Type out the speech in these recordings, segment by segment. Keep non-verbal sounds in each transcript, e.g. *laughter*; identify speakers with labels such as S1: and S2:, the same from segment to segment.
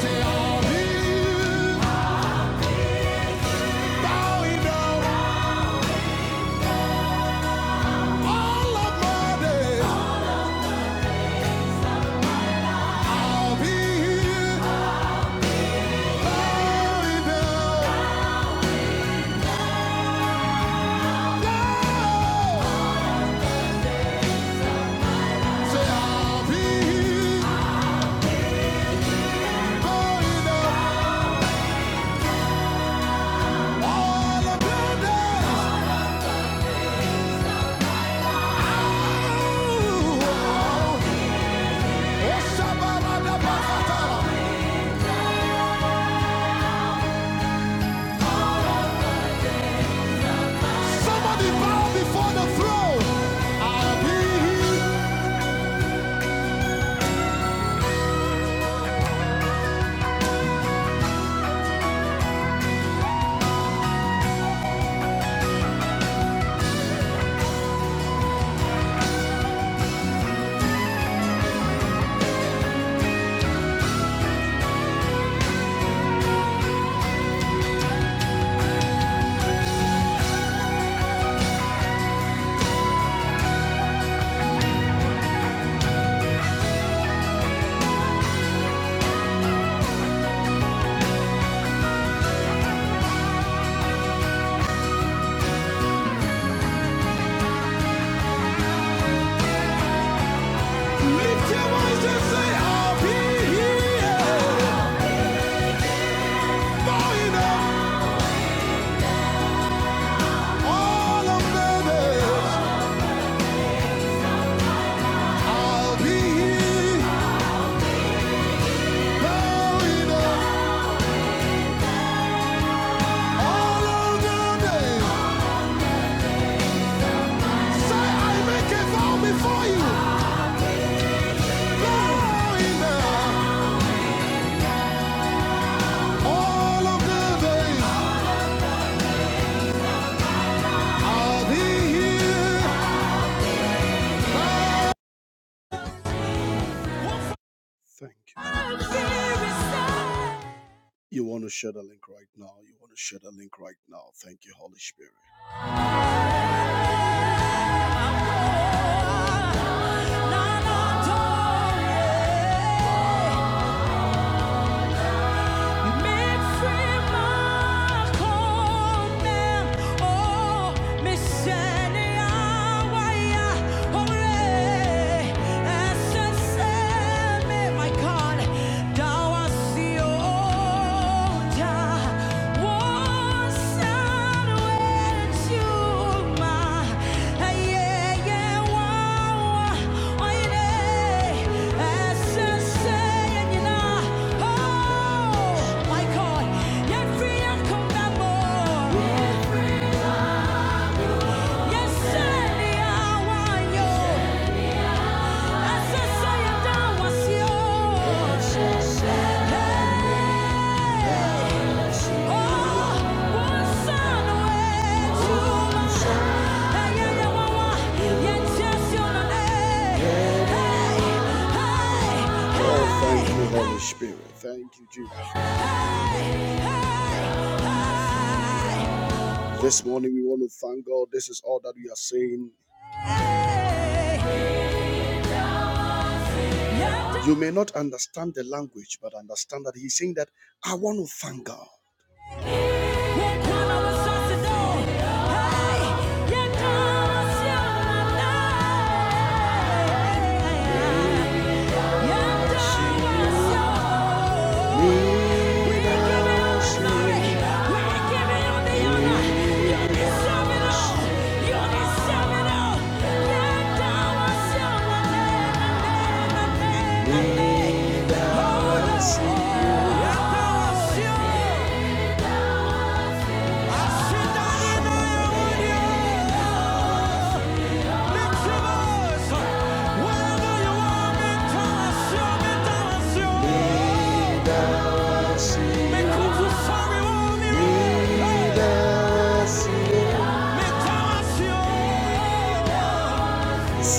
S1: Say I'll be going down all of your days. Somebody bow before the throne. I'll be here. Lift your voice and say, I'll be here. Bowing up all of the days. I'll be here. Bowing up all of the days. Say, I make a vow before you. Bowing up all of the days. I'll be here. Thank you. You want to share the link right now. You want to share the link right now. Thank you, Holy Spirit. My God, thou art the Yes, sir. I want you. Oh, thank you, Holy Spirit. Thank you, Jesus. This morning we want to thank God. This is all that we are saying. You may not understand the language, but understand that he's saying that I want to thank God. Mm. Yeah.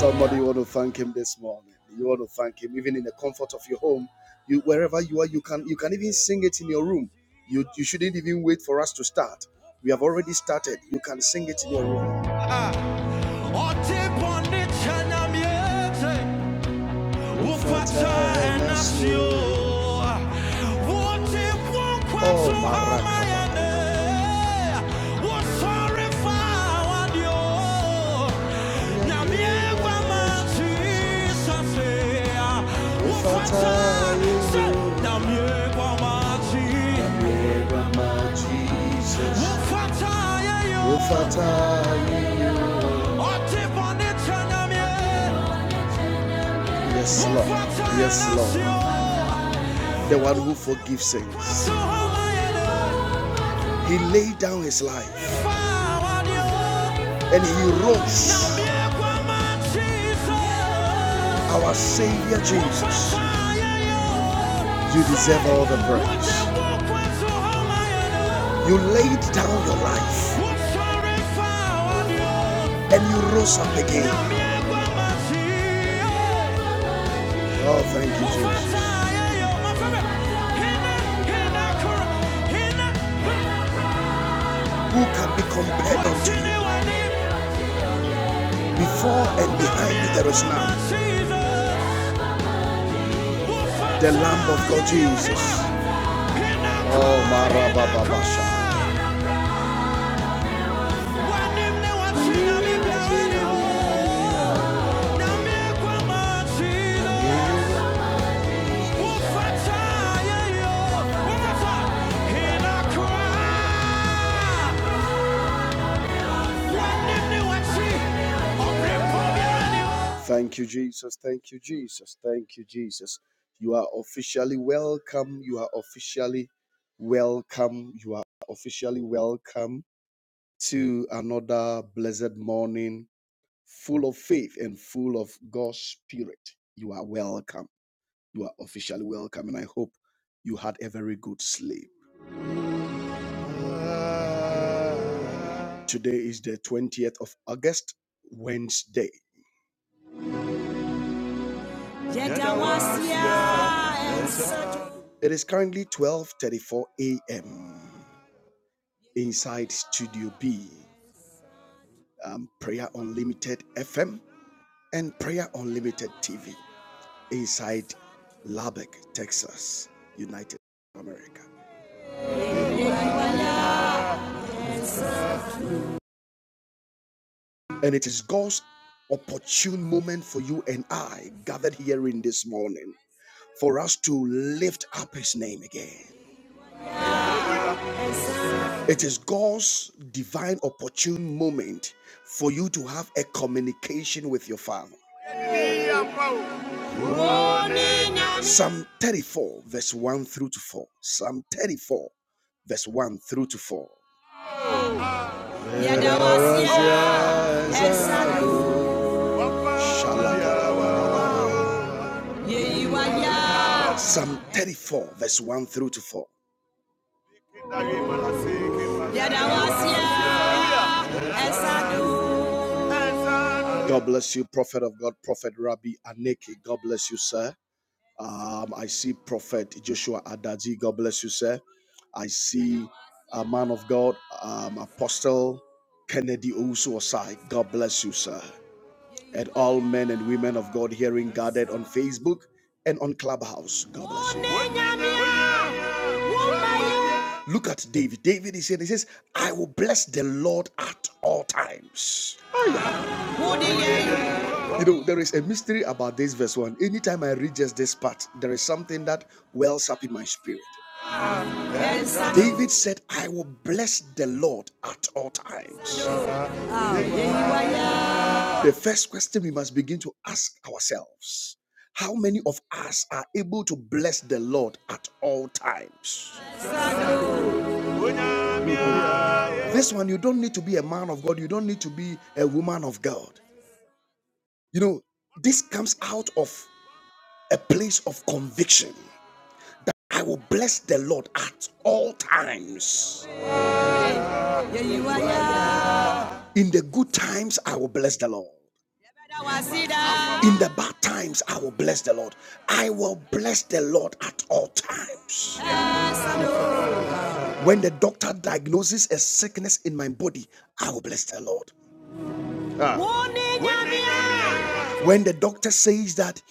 S1: Somebody you want to thank him this morning. You want to thank him even in the comfort of your home. You wherever you are, you can you can even sing it in your room. You you shouldn't even wait for us to start. We have already started. You can sing it in your room. Ah. 어젯밤 네 찬양 예배 우파차 엔나시오 Oh, Marakaba. Yeah. Ufatayo, Yes, Lord. Yes, Lord. The one who forgives sins. He laid down his life and he rose. Our Savior Jesus, you deserve all the praise. You laid down your life and you rose up again. Oh, thank you, Jesus. Who can be compared unto you? Before and behind you there is none. The Lamb of God Jesus. Oh, Marababasha. Thank you, Jesus. Thank you, Jesus. Thank you, Jesus. You are officially welcome. You are officially welcome. You are officially welcome to another blessed morning full of faith and full of God's Spirit. You are welcome. You are officially welcome. And I hope you had a very good sleep. Today is the 20th of August, Wednesday. It is currently 12:34 a.m. inside Studio B, um, Prayer Unlimited FM and Prayer Unlimited TV inside Lubbock, Texas, United America. And it is God's opportune moment for you and I gathered here in this morning for us to lift up his name again. It is God's divine opportune moment for you to have a communication with your Father. Psalm 34, verse 1 through to 4. Psalm 34, verse 1 through to 4. Shalom. Psalm 34, verse 1 through to 4. God bless you, prophet of God, prophet Rabbi Aneke. God bless you, sir. Um, I see Prophet Joshua Adaji. God bless you, sir. I see a man of God, um, Apostle Kennedy Owusu Osai. God bless you, sir. And all men and women of God hearing gathered on Facebook and on Clubhouse. God bless you. Look at David. David is here. He says, I will bless the Lord at all times. You know, there is a mystery about this verse one. Anytime I read just this part, there is something that wells up in my spirit. David said, I will bless the Lord at all times. The first question we must begin to ask ourselves how many of us are able to bless the Lord at all times? This one, you don't need to be a man of God, you don't need to be a woman of God. You know, this comes out of a place of conviction. I will bless the Lord at all times. In the good times, I will bless the Lord. In the bad times, I will bless the Lord. I will bless the Lord at all times. When the doctor diagnoses a sickness in my body, I will bless the Lord. When the doctor says that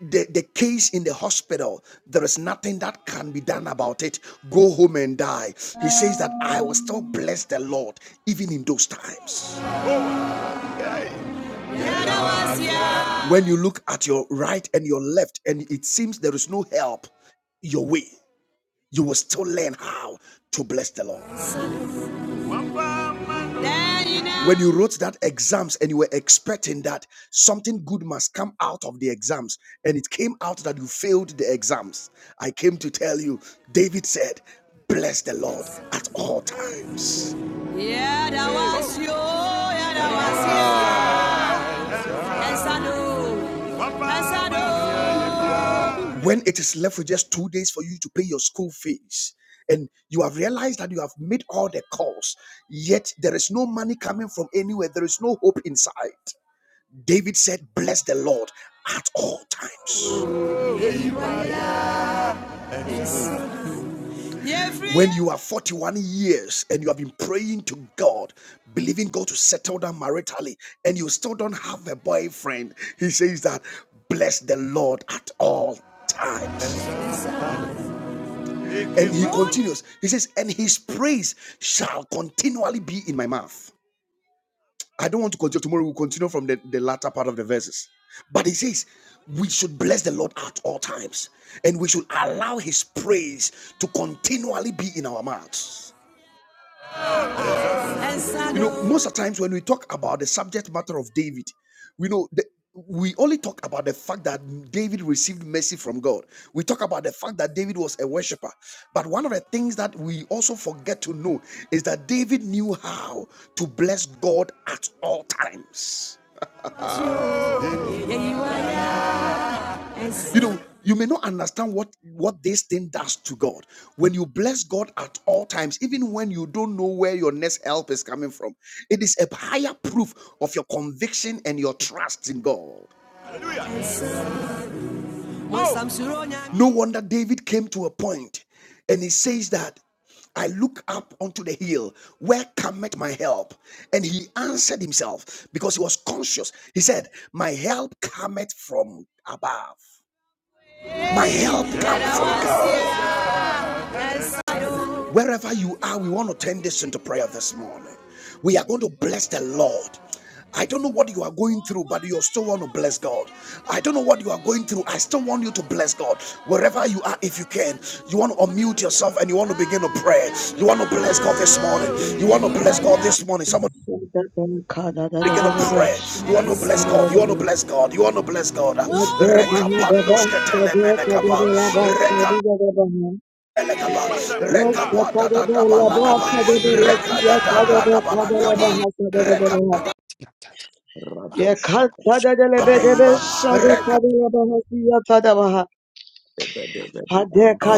S1: the, the case in the hospital, there is nothing that can be done about it, go home and die. He says that I will
S2: Um.
S1: still bless the Lord even in those times. When you look at your right and your left, and it seems there is no help your way, you will still learn how to bless the Lord. When you wrote that exams and you were expecting that something good must come out of the exams, and it came out that you failed the exams, I came to tell you, David said, Bless the Lord at all times. Yeah, that was you. Yeah, that was you. when it is left with just two days for you to pay your school fees and you have realized that you have made all the calls yet there is no money coming from anywhere there is no hope inside david said bless the lord at all times when you are 41 years and you have been praying to God, believing God to settle down maritally, and you still don't have a boyfriend, he says that bless the Lord at all times. And he continues. He says, And his praise shall continually be in my mouth. I don't want to continue. Tomorrow we'll continue from the, the latter part of the verses. But he says, We should bless the Lord at all times, and we should allow his praise to continually be in our mouths. You know, most of the times when we talk about the subject matter of David, we know that we only talk about the fact that David received mercy from God. We talk about the fact that David was a worshiper. But one of the things that we also forget to know is that David knew how to bless God at all times. Uh, I You know, you may not understand what what this thing does to God. When you bless God at all times, even when you don't know where your next help is coming from, it is a higher proof of your conviction and your trust in God. Oh. No wonder David came to a point and he says that I look up unto the hill, where cometh my help? And he answered himself because he was conscious. He said, My help cometh from above. My help comes from God. Wherever you are, we want to turn this into prayer this morning. We are going to bless the Lord. I don't know what you are going through, but you still want to bless God. I don't know what you are going through. I still want you to bless God. Wherever you are, if you can, you want to unmute yourself and you want to begin to pray. You want to bless God this morning. You want to bless God this morning. Someone
S3: Lebanka tada da da
S1: begin to
S3: da
S1: pray. You want to bless God. You want to bless God. You want to bless God. Rekapandos ketelemene kapa. Elekaba,
S4: Ligra
S1: rekaba da da da ba lakaba, da da da da ba
S4: Rado Shapa
S1: name, reka.
S4: Deva Deva Ampa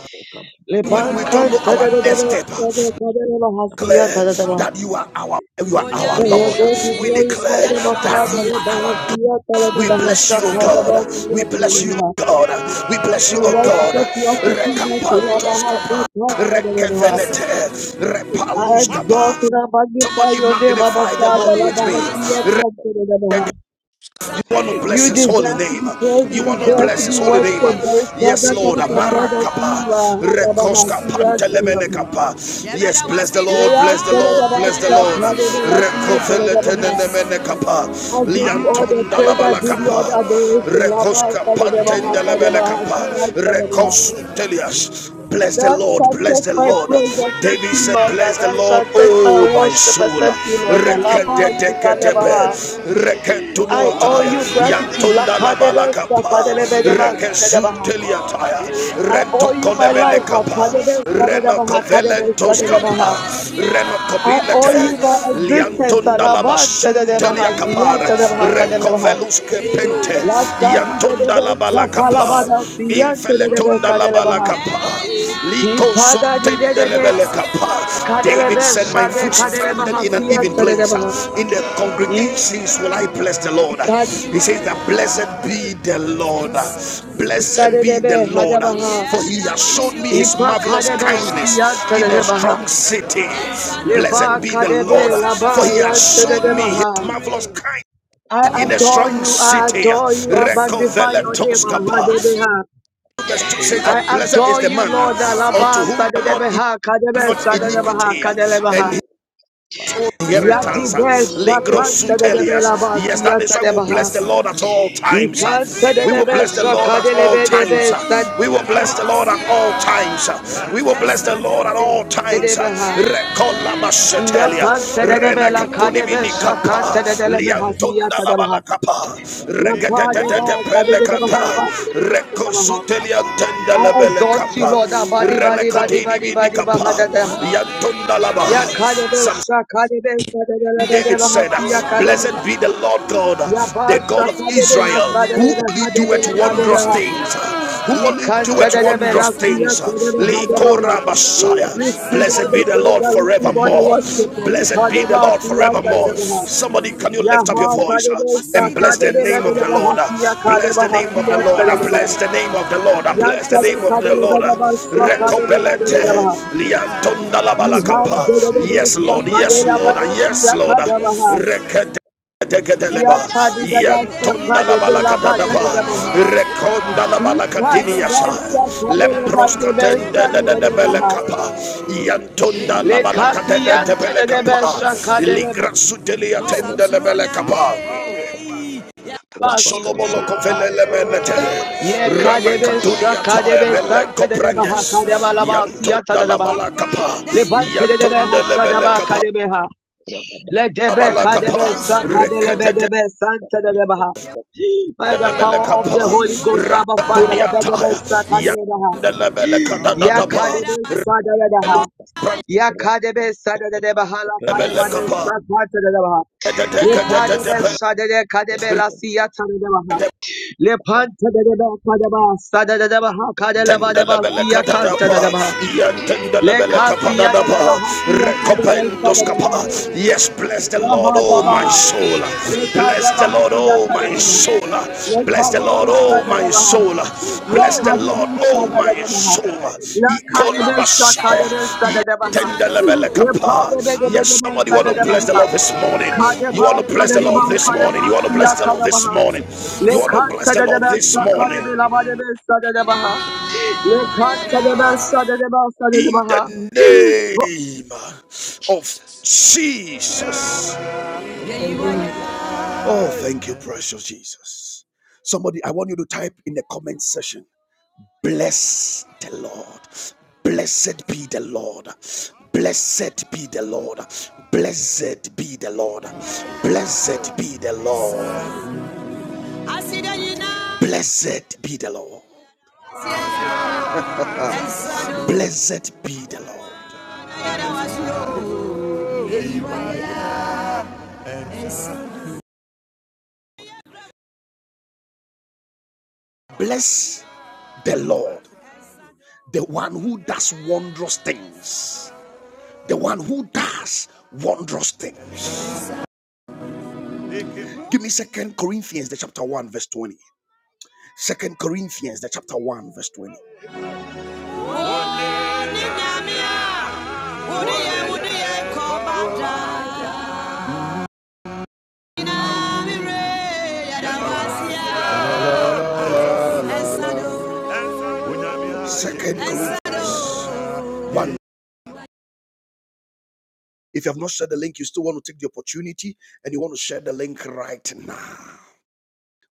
S4: Skapoka
S1: When we
S4: Bakateka
S1: don't know our next step,
S3: sada kada da bahasiya
S1: declare
S3: tada da ba.
S1: that you are our, you are our
S3: May your
S1: Lord.
S3: name be
S1: We
S3: glorified,
S1: declare
S3: our
S1: that
S3: Father,
S1: you are
S3: above
S1: our.
S3: the earth, and
S1: God. We
S3: above the
S1: bless you, O
S3: shaka,
S1: God.
S3: above the
S1: We
S3: earth,
S1: bless you,
S3: and above
S1: O God. We bless
S3: I
S1: you, O
S3: worship
S1: God.
S3: you, of the
S4: Kaputa
S3: goodness, and above
S1: Rekapantos
S3: our soul,
S1: kapa,
S3: trust, and above
S1: rekevenete,
S3: I exalt
S1: repaluskapa.
S3: and I magnify
S1: Somebody
S3: your name, our
S1: magnify the Lord
S3: Father,
S1: with
S3: above the earth, and
S1: me.
S3: above
S1: You want to bless
S3: You
S1: his holy
S3: deserve to
S1: name.
S3: be praised, you
S1: You want to
S3: deserve to
S1: bless
S3: be
S1: his holy name.
S3: worshipped. There is none
S1: Yes,
S3: that can
S1: Lord.
S3: be compared unto you, our heart, above the earth, and above
S1: Yes, bless the Lord,
S3: Lay out,
S1: bless the
S3: and
S1: Lord,
S3: above
S1: bless the
S3: shaka, and
S1: Lord.
S3: above the earth, and above
S1: Rekoveletenenemenekapa.
S3: I give you all the praise. I give you all
S1: Liantondalabalakapa.
S3: the adoration. Laba
S1: Rekoska
S3: Sadabaha Sadabaha
S1: pantendelebelekapa.
S3: Sadabaha.
S1: Rekosutelias. Bless the
S3: That
S1: Lord,
S3: shall
S1: bless
S3: take
S1: the
S3: my
S1: Lord.
S3: praise except
S1: David
S3: you,
S1: said,
S3: Lord.
S1: Bless
S3: And
S1: the
S3: that
S1: Lord,
S3: shall take my
S1: oh my
S3: worship
S1: soul.
S3: except you, Lord. Laba
S1: Reketeteketepe,
S3: Sadabaha. I owe
S1: reketunotaya,
S3: you gratitude. Lakadebe
S1: yantundalabalakapa,
S3: Sakadebedeba Sadabaha.
S1: rekesuteliataya,
S3: I owe you my life.
S1: rentokolemenekapa,
S3: Kadebe Sadabaha Kadebe
S1: renokovelentoskapa,
S3: Sadabaha. I owe
S1: renokobilete,
S3: you my existence. Alaban tadadabaha, siyan
S1: liantundalabasunteliakapara,
S3: tadadabaha, kadadabaha.
S1: rekoveluskepente,
S3: La sadi dedebe sakalabada
S1: yantundalabalakapa.
S3: siyan tadadabe
S1: Infeletunda la
S3: kadelebaha.
S1: balakapa. Liko
S3: Ipada di
S1: somtende
S3: dedede
S1: lebelekapa. David
S3: kadelebe
S1: said, My
S3: shade
S1: foot standeth
S3: kadelebaha
S1: in an
S3: siyan
S1: even place.
S3: tadadabaha.
S1: In the congregations will I bless the Lord.
S3: Ikade
S1: He says that blessed be the Lord. Blessed be the
S3: sadedebe
S1: Lord.
S3: hadabaha.
S1: For he has showed me his
S3: Ipa
S1: marvelous
S3: kadebe
S1: kindness
S3: siyan
S1: in a
S3: tadadabaha.
S1: strong city.
S3: Leba
S1: Blessed be the Lord.
S3: kadebe laba
S1: For he
S3: yan
S1: has showed me his
S3: tadadabaha.
S1: marvelous kindness
S3: I
S1: in a
S4: Baba
S3: adore
S1: strong
S3: you, I
S1: city.
S3: adore you, I magnify your name,
S1: Recovelatoskapa.
S3: Ahadebeha.
S1: Verse 2
S4: Babade
S1: says that
S3: I
S1: blessed is
S3: adore
S1: the
S3: you,
S1: man
S3: Lord.
S1: unto
S3: Alaba
S1: whom the Lord is
S3: sadadebeha kadebe
S1: not
S3: sadadebaha
S1: iniquity, and
S3: kadelebaha.
S4: Apa
S3: Yadibe
S1: inheritance.
S3: shakan sadadebe
S1: Yes,
S3: labasi
S1: that is why we will
S3: yatadebaha.
S1: bless the Lord at all times.
S3: Ikan
S1: We will
S3: sadadebe
S1: bless the Lord at all
S3: shakadelebe
S1: times.
S3: debe
S1: We will bless the Lord at all times. We will bless the Lord at all times.
S3: sadadebeha.
S1: Recola
S3: Iyapan sadadebe la kadebe shakan sadadelebeha siyatadebaha. Lapadeba sadadebeha laba kadebeha sadadebaha. I exalt you, Lord. Abadi, badi, badi, badi, badi, badi, Ya kadebesha kadebesha kadebesha
S1: David said,
S3: bahasi ya kadebaha.
S1: Blessed be the Lord God,
S3: Ya
S1: the
S3: basha
S1: God of
S3: kadebe la
S1: Israel,
S3: kadebe
S1: who only
S3: hadebe
S1: doeth
S3: la
S1: wondrous
S3: badebaha.
S1: things, who
S3: We badebe
S1: only
S3: ha.
S1: doeth
S3: Ikantadebe la
S1: wondrous
S3: siya
S1: things.
S3: kadebe hadebaha.
S1: Likora
S3: Receive all
S1: Blessed be
S3: the
S1: the
S3: praise
S1: Lord
S3: and receive all the
S1: forevermore.
S3: worship. La
S1: Blessed be the
S3: kadeba
S1: Lord
S3: siya kadebe
S1: forevermore.
S3: ha.
S1: Somebody, can you
S3: Ya
S1: lift up
S3: ha
S1: your voice
S3: kadebesha
S1: and bless the
S3: kadebe la
S1: name of the
S3: kadebe
S1: Lord?
S3: hasi ya
S1: Bless
S3: kadebe
S1: the name
S3: hasi
S1: of the
S3: ya
S1: Lord.
S3: kadebe ha.
S1: Bless the name of the Lord.
S3: Ya
S1: Bless the
S3: kadebe
S1: name of the
S3: kadebe la
S1: Lord. Lord.
S3: kadebe sa kadebe la kadebe
S1: Recopelete
S3: ha.
S1: liantonda la
S3: Ye
S1: balakapa. Yes, Lord. Yes, Lord. Yes, Lord. Rekete. Teketeleba, yantunda la balakadadaba, rekonda la balakadiniyasa, lemproskatende tende de de belekapa, yantunda la balakadende de belekapa, ligrasuteli atende le belekapa.
S4: Rabado
S5: Akoskatia,
S1: Solomon
S4: Shapa
S1: kofelele menete rana katunia tae mele koprenges yantonda la malakapa, kapa yantonda le bele kapa
S4: Rabada
S3: Let Legebe
S1: bala
S4: Padaka
S1: kapa
S3: kadebe sakadelebe
S1: rekete
S3: debe santedebeha.
S4: Respecta
S3: By the
S1: le bele
S3: power of
S1: kapa
S3: the
S4: Rupa
S3: Holy Ghost, Abba Father,
S1: rakatunia tae
S3: lebedebe sakadelebeha.
S1: yantonda le bele kata da da pa
S3: Yakadebe sadelebeha.
S1: Rapra-
S3: Yakadebe
S4: Rabada
S3: sadelebeha la
S4: Peluka
S3: kadebade le Lepadebe sadele kadebe
S4: Padeka
S3: la siyatelebeha.
S4: Padeka
S3: Lepantedebe kadeba sadelebeha kadelebadeba
S1: Tendelebele kadadapa,
S3: siyakantelebeha.
S1: yentendelebele kapadadapa,
S3: Lekasiyatelebeha siyakadebe
S1: recopendos
S3: sadelebeha.
S1: kapa. Yes, bless the Lord, oh my
S3: Lahadabaha.
S1: soul. Bless the Lord, oh my
S3: Lekadabahasiyakadabaha.
S1: soul.
S5: Shana,
S1: Bless the Lord, oh my
S3: Lekadabasadadabaha.
S1: soul. Bless the Lord, oh my
S3: Yakadabasadadabaha.
S1: soul. Ikola Messiah.
S3: Lakadabasadadabaha.
S1: Tendelebele kapa. Yes, somebody want to bless the
S3: Lepadabadabadabadabadabaha.
S1: Lord this morning. You want to bless the Lord
S3: Kadabasadadabaha,
S1: this morning. You want to bless the Lord this
S3: kadabasiyakadabaha.
S1: morning. You want to bless the Lord
S5: I
S1: this morning.
S3: Lekantadadabasadadabasadadabaha.
S1: in
S3: Lekantadadabasadadabasadadabaha.
S1: the
S3: Bro-
S5: need
S1: name of
S5: Jesus.
S1: Jesus.
S3: Amen.
S1: Oh, thank you, precious Jesus. Somebody, I want you to type in the comment section. Bless the Lord. Blessed be the Lord. Blessed be the Lord. Blessed be the Lord. Blessed be the Lord. Blessed be the Lord. Blessed be the Lord. Bless the Lord, the one who does wondrous things, the one who does wondrous things. Give me Second Corinthians, the chapter one, verse twenty. Second Corinthians, the chapter one, verse twenty. Second Corinthians one. If you have not shared the link, you still want to take the opportunity and you want to share the link right now.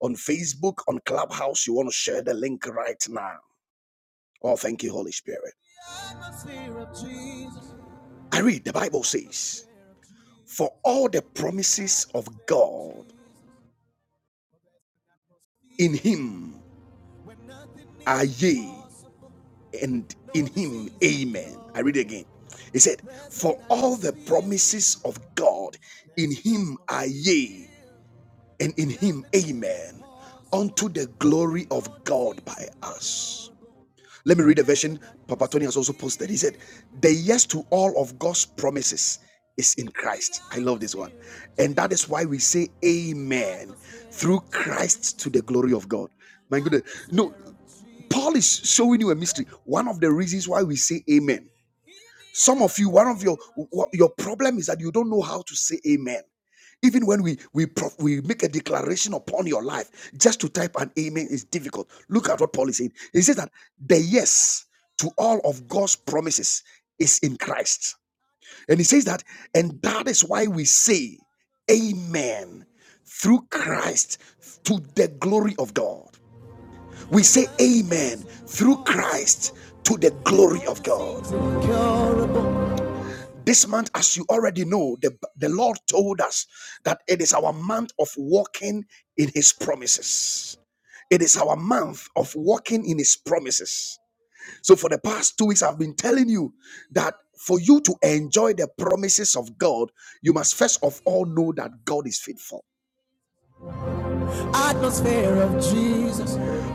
S1: on Facebook, on Clubhouse, you want to share the link right now. Oh, thank you, Holy Spirit. I read the Bible says, For all the promises of God in Him are yea, and in Him, amen. I read again. He said, For all the promises of God in Him are yea, and in Him, amen, unto the glory of God by us. Let me read a version Papa Tony has also posted. He said, The yes to all of God's promises is in Christ. I love this one. And that is why we say amen through Christ to the glory of God. My goodness. No, Paul is showing you a mystery. One of the reasons why we say amen. Some of you, one of your your problem is that you don't know how to say amen. Even when we we pro- we make a declaration upon your life, just to type an amen is difficult. Look at what Paul is saying. He says that the yes to all of God's promises is in Christ, and he says that, and that is why we say, Amen, through Christ to the glory of God. We say, Amen, through Christ to the glory of God. This month, as you already know, the, the Lord told us that it is our month of walking in His promises. It is our month of walking in His promises. So, for the past two weeks, I've been telling you that for you to enjoy the promises of God, you must first of all know that God is faithful.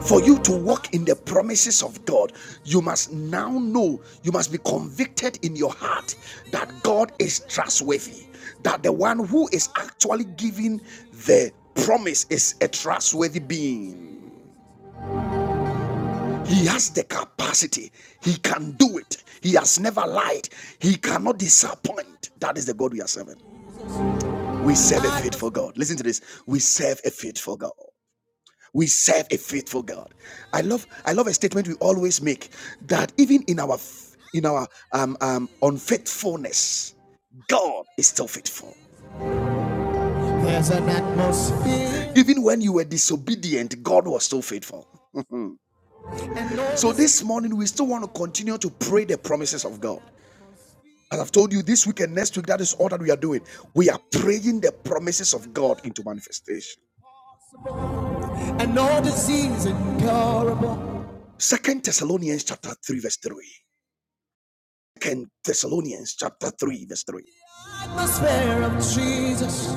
S1: For you to walk in the promises of God, you must now know, you must be convicted in your heart that God is trustworthy, that the one who is actually giving the promise is a trustworthy being. He has the capacity, he can do it, he has never lied, he cannot disappoint. That is the God we are serving. We serve a faithful God. Listen to this we serve a faithful God. we serve a faithful god i love i love a statement we always make that even in our in our um, um unfaithfulness god is still faithful even when you were disobedient god was still faithful so this morning we still want to continue to pray the promises of god as i've told you this week and next week that is all that we are doing we are praying the promises of god into manifestation And all disease incurable. second thessalonians chapter 3 verse 3 Thessalonians chapter 3, verse 3. Atmosphere of Jesus.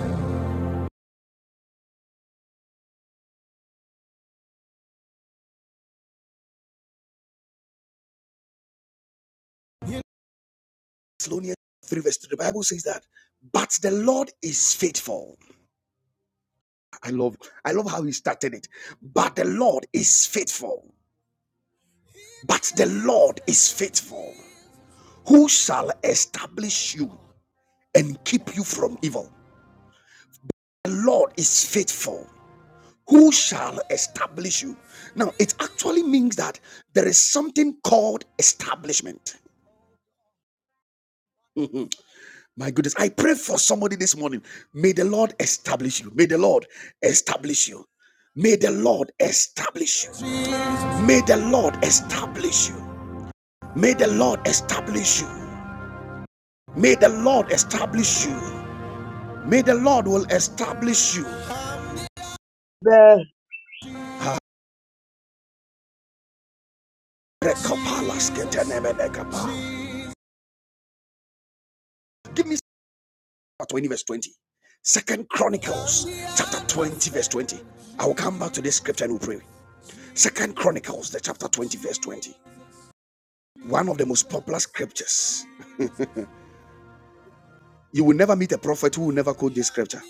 S1: Thessalonians 3, verse 3. The Bible says that, but the Lord is faithful. I love, I love how he started it. But the Lord is faithful. But the Lord is faithful. Who shall establish you and keep you from evil? The Lord is faithful. Who shall establish you? Now, it actually means that there is something called establishment. My goodness, I pray for somebody this morning. May the Lord establish you. May the Lord establish you. May the Lord establish you. May the Lord establish you. May the Lord establish you. May the Lord establish you. May the Lord will establish you. Give me 20 verse 20. Second Chronicles chapter 20 verse 20. I will come back to this scripture and we'll pray. Second Chronicles the chapter 20 verse 20. One of the most popular scriptures You will never meet a prophet who will never quote this scripture.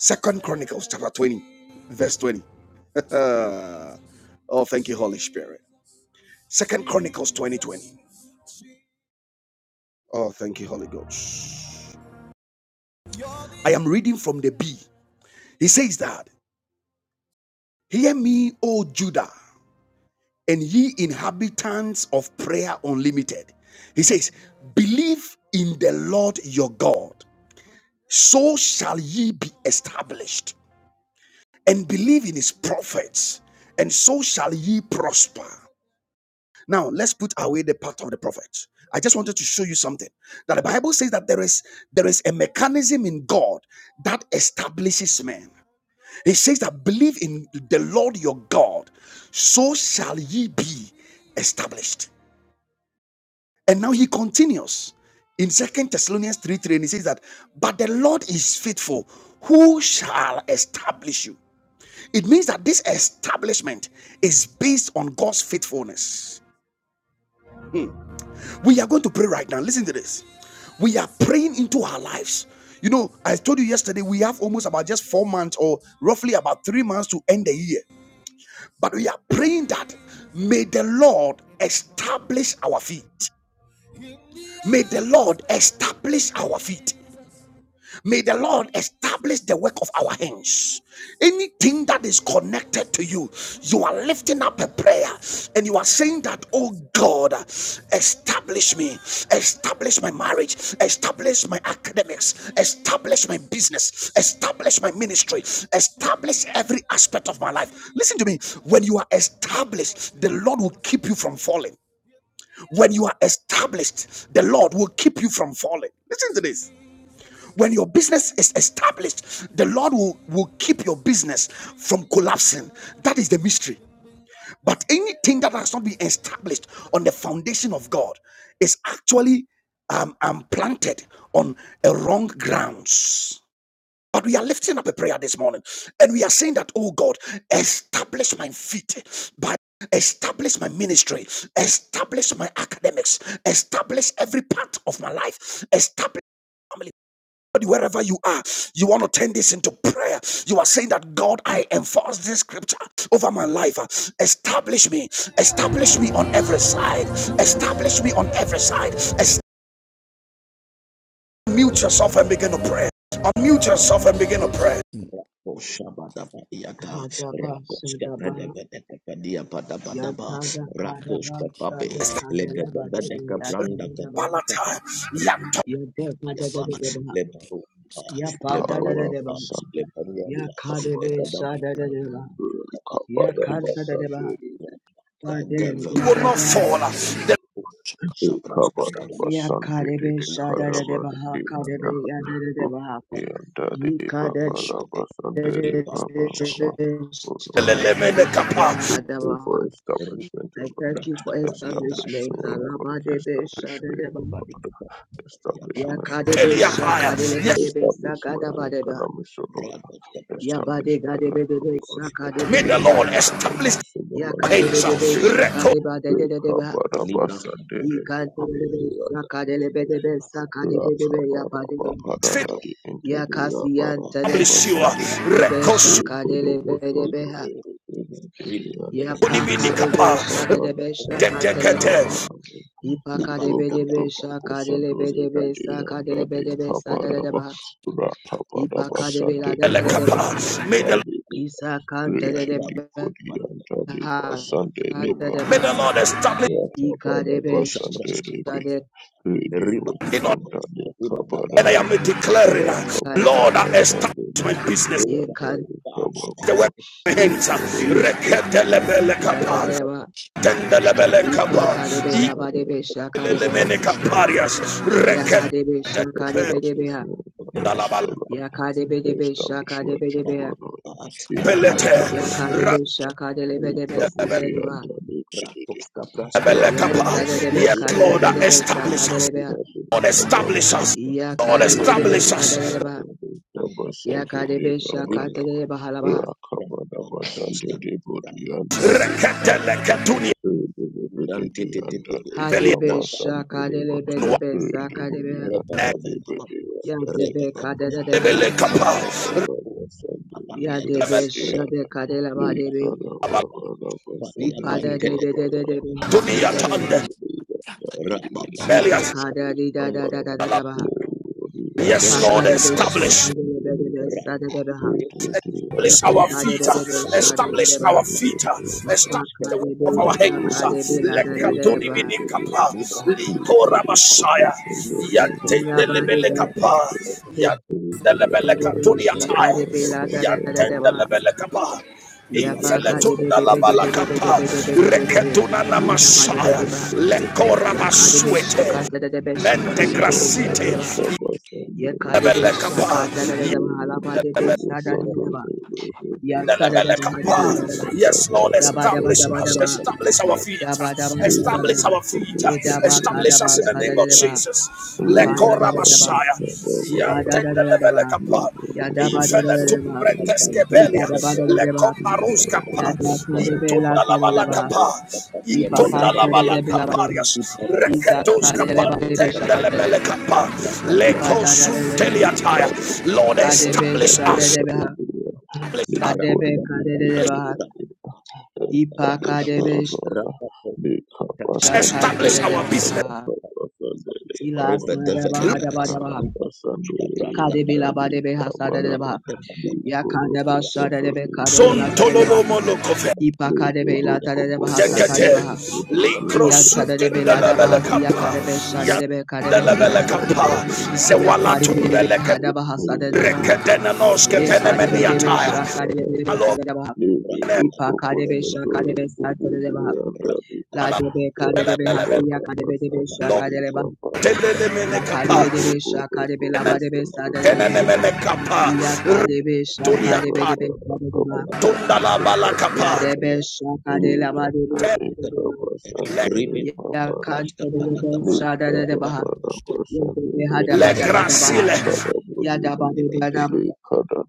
S1: Second Chronicles chapter 20, verse 20. Oh, thank you, Holy Spirit. Second Chronicles twenty twenty. Oh, thank you, Holy Ghost. I am reading from the B. He says that, Hear me, O Judah, and ye inhabitants of prayer unlimited. He says, Believe in the Lord your God, so shall ye be established, and believe in his prophets, and so shall ye prosper. Now, let's put away the part of the prophets. I just wanted to show you something that the Bible says that there is there is a mechanism in God that establishes men. It says that believe in the Lord your God, so shall ye be established. And now he continues in Second Thessalonians 3 3, and he says that, but the Lord is faithful, who shall establish you? It means that this establishment is based on God's faithfulness. We are going to pray right now. Listen to this. We are praying into our lives. You know, I told you yesterday we have almost about just four months or roughly about three months to end the year. But we are praying that may the Lord establish our feet. May the Lord establish our feet. May the Lord establish the work of our hands. Anything that is connected to you, you are lifting up a prayer and you are saying that, Oh God, establish me, establish my marriage, establish my academics, establish my business, establish my ministry, establish every aspect of my life. Listen to me. When you are established, the Lord will keep you from falling. When you are established, the Lord will keep you from falling when your business is established, the Lord will, will keep your business from collapsing. That is the mystery. But anything that has not been established on the foundation of God is actually um, um, planted on a wrong grounds. But we are lifting up a prayer this morning and we are saying that, oh God, establish my feet by establish my ministry, establish my academics, establish every part of my life, establish. family wherever you are, you want to turn this into prayer. You are saying that God, I enforce this scripture over my life. Establish me, establish me on every side, establish me on every side. Mute yourself and begin to pray. Unmute yourself and begin to pray.
S5: Mm.
S4: Rado Shaba Daba Yaka Ragoska
S3: Hadabasadabaha.
S4: Padeva Deka Padia Padaba Daba
S3: Yatada
S5: Ira,
S4: Rakoska
S3: Kadaba
S5: Kotia,
S4: Pabe
S3: Sada
S5: Kotia,
S4: Lega
S3: Kadeleba
S4: Deka
S3: Dede
S4: Branda
S3: Yatudeba
S4: Kabakata
S5: Ira,
S3: Yadeba
S4: Yaba,
S5: Ira,
S3: Dadadeba
S4: Lebaruampa,
S5: Koskata,
S3: Yapa
S6: covered up
S4: Lebaruampa,
S3: Dadadeba
S6: a Sunday.
S4: Lebaruampa,
S5: Ira,
S3: Yakadebe
S4: Legadaba,
S3: Sada
S5: Ira,
S4: Legadaba,
S3: Dadeba
S6: We covered up a
S3: Yakanta
S4: Legadaba,
S3: Dadeba
S6: Sunday.
S3: Tade
S6: We
S1: You
S4: Legadaba,
S1: will
S6: done
S1: not
S4: Legadaba,
S3: Yadeba
S1: fall.
S6: it.
S5: Shaka,
S6: We covered
S4: Sabraska
S5: Koskata,
S6: up a
S4: Padaba,
S6: Sunday.
S3: Yakadebe
S6: They
S3: Sada
S6: covered up
S4: Legadaba,
S6: the
S3: Dadeba
S6: day.
S3: Kadebe
S4: Legadaba,
S3: Yadeba
S6: Yeah, daddy, papa,
S3: Yikade Sada
S5: Shi,
S4: Wantetete,
S6: lava, Sunday,
S4: Ripado
S6: papa,
S5: Shi,
S4: Sapa,
S6: papa. Oh Lord, oh Lord. we pray for
S3: Deba.
S6: establishment, O
S3: I thank
S6: Lord.
S3: you
S4: Ripaska
S3: for
S4: Padiata,
S6: Establish
S3: establishment.
S6: me, O Lord.
S4: Ripaska
S3: Alabadebe
S6: Establish me, O
S3: Shadadeba
S6: Lord.
S4: Padikaba,
S6: Establish
S4: Yaba,
S3: Ya
S6: my
S3: kadebe
S6: family, O
S4: Yabadaba,
S6: Lord.
S5: Eh,
S1: Yes,
S3: şakadelebe debe
S6: Establish my
S4: Yabadaba,
S3: sakadabadeba.
S6: economics, O Lord.
S4: Radaska
S3: Ya
S4: Proska,
S3: bade
S6: Establish my
S3: gadebe
S6: life, O
S3: debe
S6: Lord.
S3: şakadebe
S1: may the
S6: In
S1: Lord
S6: order,
S3: yadebe.
S6: I
S1: establish
S6: in the
S3: Ya
S1: the
S6: mighty
S3: kadebe
S6: name
S4: Rakata,
S6: of
S3: debe
S1: hands.
S6: Jesus.
S3: şakadeba dededebe.
S6: Recover, Rabba,
S4: Libra,
S6: Sunday,
S3: İkantelebe şakadelebe
S4: Riba
S3: debe sakadebe debe ya bade.
S6: Rakabarabaradaradi
S3: Ya kasiyan
S1: establish you.
S6: Indiriyabarakabasandiri
S3: tedebe
S1: Record.
S5: Mm,
S3: şakadelebe
S5: Mm,
S3: debe ha.
S6: Rekodobosondorepepelekediyanda
S3: Ya pakadebe
S1: Oniminikapa,
S3: şadedebe şakantelebe.
S6: Rakababarababarabarabaraba
S1: Dedicate,
S3: İpakadebe debe şakadelebe debe
S6: Liboborokoposondorepediyanda
S3: sakadelebe debe sadedebe
S6: Likabaraba
S3: ha. İpakadebe la dededebe ha.
S1: May
S6: Rakabarabasanderibadadiyanda
S1: the
S3: Isa
S6: Reti di
S3: Isakantelebeha,
S6: kodi anta di basante di
S1: may the
S3: Sandedebaha,
S6: babada
S1: Lord establish
S6: rata bada
S3: Ikarebe,
S6: basante di biha
S3: Shadekade,
S6: ridi hodi
S1: it on
S6: anta di kabada
S1: and I am
S6: baha
S1: declaring,
S6: rata bada
S1: Lord, establish
S6: basante di
S1: my business,
S6: biha anta
S3: Yekan,
S6: di
S1: the
S6: kababa
S1: work of my hands.
S6: riboro kabosando di
S1: Reketelebelekapa,
S6: bihana
S3: Isadedeba,
S6: establish my
S1: tendelebelekapa,
S3: Ipakadebe,
S6: education
S3: Labadebe, Shakadebeha,
S6: Establish my
S1: ikelelemenekaparias,
S6: finances, O
S3: Yahadebe,
S6: Lord.
S1: reketelebelekapelete,
S6: Establish
S3: Shakadebedebeha,
S6: my finances, O Lord.
S3: Yakadebedebe,
S6: Establish my job,
S3: Shakadebedebeha,
S6: O
S3: ha.
S6: Lord. In the mighty name of Jesus.
S3: Shakadelebedebe,
S1: randelebelekapa.
S6: Ikaburi
S3: Sadedeba,
S6: and Dalibidi.
S4: Ratoska Praska Takapo,
S3: Yatsadebe,
S6: Rakabadaba
S1: Yes,
S4: Ruba
S1: Lord,
S3: Kadelebedebe,
S6: Sandibidi.
S1: establish us.
S3: Sakadelebeha,
S4: Ruba
S1: Lord, establish us.
S6: Kababadaba.
S1: Lord,
S4: Rapako,
S6: Lidi
S3: Yakadebedebe,
S1: establish us.
S6: Hudi and
S3: Sadedeba,
S6: Dali Baba
S4: Anketa,
S6: Sandidi
S3: Yakadebe,
S4: Ribeto,
S6: Babadaba.
S3: Shakadelebaha,
S6: Rakabadaba
S4: Rapa Braska
S6: Sandibidi
S4: Taka,
S6: and
S4: Rapa,
S6: Dalikadaba.
S1: Reketeleketuni
S6: Redeemed
S4: Brante Tete,
S6: and that they
S3: Hadebe
S6: cover
S4: Rapa,
S6: San Deliver,
S3: shakadelebe debe
S6: Redeemed
S3: sakadebe
S6: and
S4: Rapa,
S6: that they
S4: Rapa,
S6: redeem and that they
S3: yadebe
S4: Rapa,
S6: cover,
S3: kadedebe ha
S6: recover Brother San
S4: Rapa,
S6: Deliver,
S4: Yata,
S3: yadebe
S4: Rapa,
S3: shade
S6: Redeemed,
S3: kadeleba debe
S6: Lika Lava
S1: Yes,
S6: Lava
S4: Badi
S6: San
S3: ipada
S4: upon
S3: de
S6: Deliver,
S3: de de de debe
S4: Telekata,
S6: Lava, Lika
S4: Rap,
S3: sadedebe ha
S6: Lava Dali,
S4: Rapa, Baba
S6: and
S4: Boska,
S3: ipakada
S6: Dali
S3: di da da da
S6: cover,
S3: da da
S4: Entekata,
S3: da
S6: Redeemed and
S4: Ledreska,
S6: Dali
S1: Lord,
S3: pakadebe
S6: cover
S1: establish
S6: San
S3: shakadelebe debe
S6: Deliver,
S4: Rande,
S3: sadedebe ha
S6: Redeemed and
S1: Establish
S4: Rapa,
S1: our
S6: Dali
S3: ipakadebe
S1: feet.
S3: debe
S6: cover Lava
S1: Establish
S6: San
S3: sadedebe ha
S1: our feet.
S6: Deliver.
S1: Establish the work
S3: ipakadebe
S1: of our
S6: Sandra,
S1: hands.
S3: shakadebe la da da da
S1: Lekatuni minikapa. Likora Messiah. Yantende
S3: yabade
S1: lebelekapa.
S3: gadebe
S1: Yantende
S3: debe
S1: lebelekatuni ataya.
S3: shakadebe la da da da da
S1: Yantende lebelekapa.
S3: Yabaga de be
S1: Infeletunda
S3: de
S1: la
S3: be de be de be de
S1: balakapa.
S3: be de be de be de be
S1: Reketuna
S3: Baba
S1: na
S3: hada ba de be
S1: Messiah.
S3: de ba
S1: Lekora
S3: Yaka de be shaka
S1: masuete.
S3: da da da be shaka
S1: Mente
S3: la ba de be sa da da
S1: grasite.
S3: ba Yaka de be
S1: Yebelekapa.
S3: shaka da da da
S1: yebelekapa.
S3: da ba la ba de be sa da da da ba Ya sa da da
S4: Ratus
S3: ba da ba da ba da
S1: Yes, Lord,
S3: ba da ba da ba
S1: establish
S3: da ba da
S1: us, establish our feet,
S3: ba da ba da
S6: Thank you.
S3: ba da ba da
S1: establish
S3: ba
S1: our feet,
S3: le da ba ka da
S1: establish
S3: ba
S1: us in the
S3: sa
S1: name
S3: da da
S1: of
S3: da ba
S1: Jesus.
S3: ipa da da
S1: Lekora
S3: da da ba
S1: Messiah,
S3: ipa da da
S1: Yantenda
S3: da da da ba
S1: Levelekapa,
S3: ya da ba da da da
S1: Ifele
S3: da ba
S1: Tumbre
S3: ipa
S1: Teskebelia,
S3: da ba da da da ba ya da
S1: Lekombaruskapa,
S3: ka de be la
S1: Itunda
S3: sa da da ba
S1: Labalakapa,
S3: ipa ka
S1: Itunda
S3: sa da da be la ba de
S1: Labalakaparias, Reketoskapa.
S3: Itakadeleba debesha
S1: Tenda
S3: kadeleba.
S1: lebelekapa,
S3: Ipadadadadeba.
S1: lekosunteliataya. Lord,
S3: Kadebe
S1: establish us,
S3: shadadeba.
S1: establish
S4: Rabba
S1: us.
S3: Sadebe kadeleba.
S6: establish your
S3: Ipakadebe
S6: Lord. Lika basandere
S1: establish our
S6: baba
S3: shakadeleba.
S1: business.
S6: laka basandere
S3: Ila
S6: baba
S3: sadaba hadaba
S6: lika la
S3: daba.
S6: basandere
S3: Kadebe
S6: yanda
S3: labadebe
S6: lika
S3: hasadadeba.
S6: balaba likuru
S3: Yakadeba
S5: Shi,
S3: shadadebe
S6: busandere
S1: Son
S3: kadela
S6: bebe
S3: sadadeba.
S1: tololo
S6: bebe
S1: molokove.
S3: Ipakadebe
S6: likuru
S3: ila
S6: kubu
S3: tadadeba
S6: sandere
S1: Dekete.
S3: hasakadeba.
S6: bebe
S1: Likro
S6: bebe yanda
S3: Iyatadadebe
S1: sunten da la
S3: ladaba
S1: bele
S6: baba
S3: hasi
S1: kapa.
S6: laka.
S3: yakadebe shadadebe
S1: Yanda
S3: kadebe
S1: la bele
S3: sadadeba.
S6: yanda
S1: kapa.
S6: lika
S1: Zewala
S6: baba
S1: tumbele
S3: Yapadebe
S1: ke
S3: hadaba hasadadeba.
S6: likuru
S1: rekedene
S6: kaba
S1: noske
S3: Ye
S1: tene meni
S6: sandere
S3: karebedebe
S1: ataya.
S6: baba laka.
S3: şakarebedebe
S1: Alogene
S3: sararaba.
S6: likuru
S3: İpa
S6: kubu
S3: kadebe
S6: sandere
S3: şakarebe
S6: bebe
S3: sartararaba.
S6: yanda lika.
S3: La
S1: ala
S3: debe
S1: bele
S3: kadebe
S1: bele bele.
S3: hasiya karebedebe
S1: Lo
S3: şakareba.
S1: telele
S3: Ya
S1: mene kapa.
S3: karebedebe şakarebe labadebe sararaba.
S1: Tenene mene kapa.
S3: Ya karebe
S1: Retunia ta.
S3: şakarebedebe sararaba.
S1: Tunda la bala
S3: Ya
S6: Sunday,
S1: kapa.
S3: debe şakare labadebe
S1: Te-
S3: sararaba.
S1: Le,
S4: Ribet
S3: Ya
S4: Sopras
S3: kadebe
S4: Kapanakapa
S3: sararaba.
S4: Rapa
S3: Ya debe hadaba
S1: le
S3: daba
S4: Ribedeveda
S3: daba.
S1: gracile.
S3: Ya daba
S4: Kete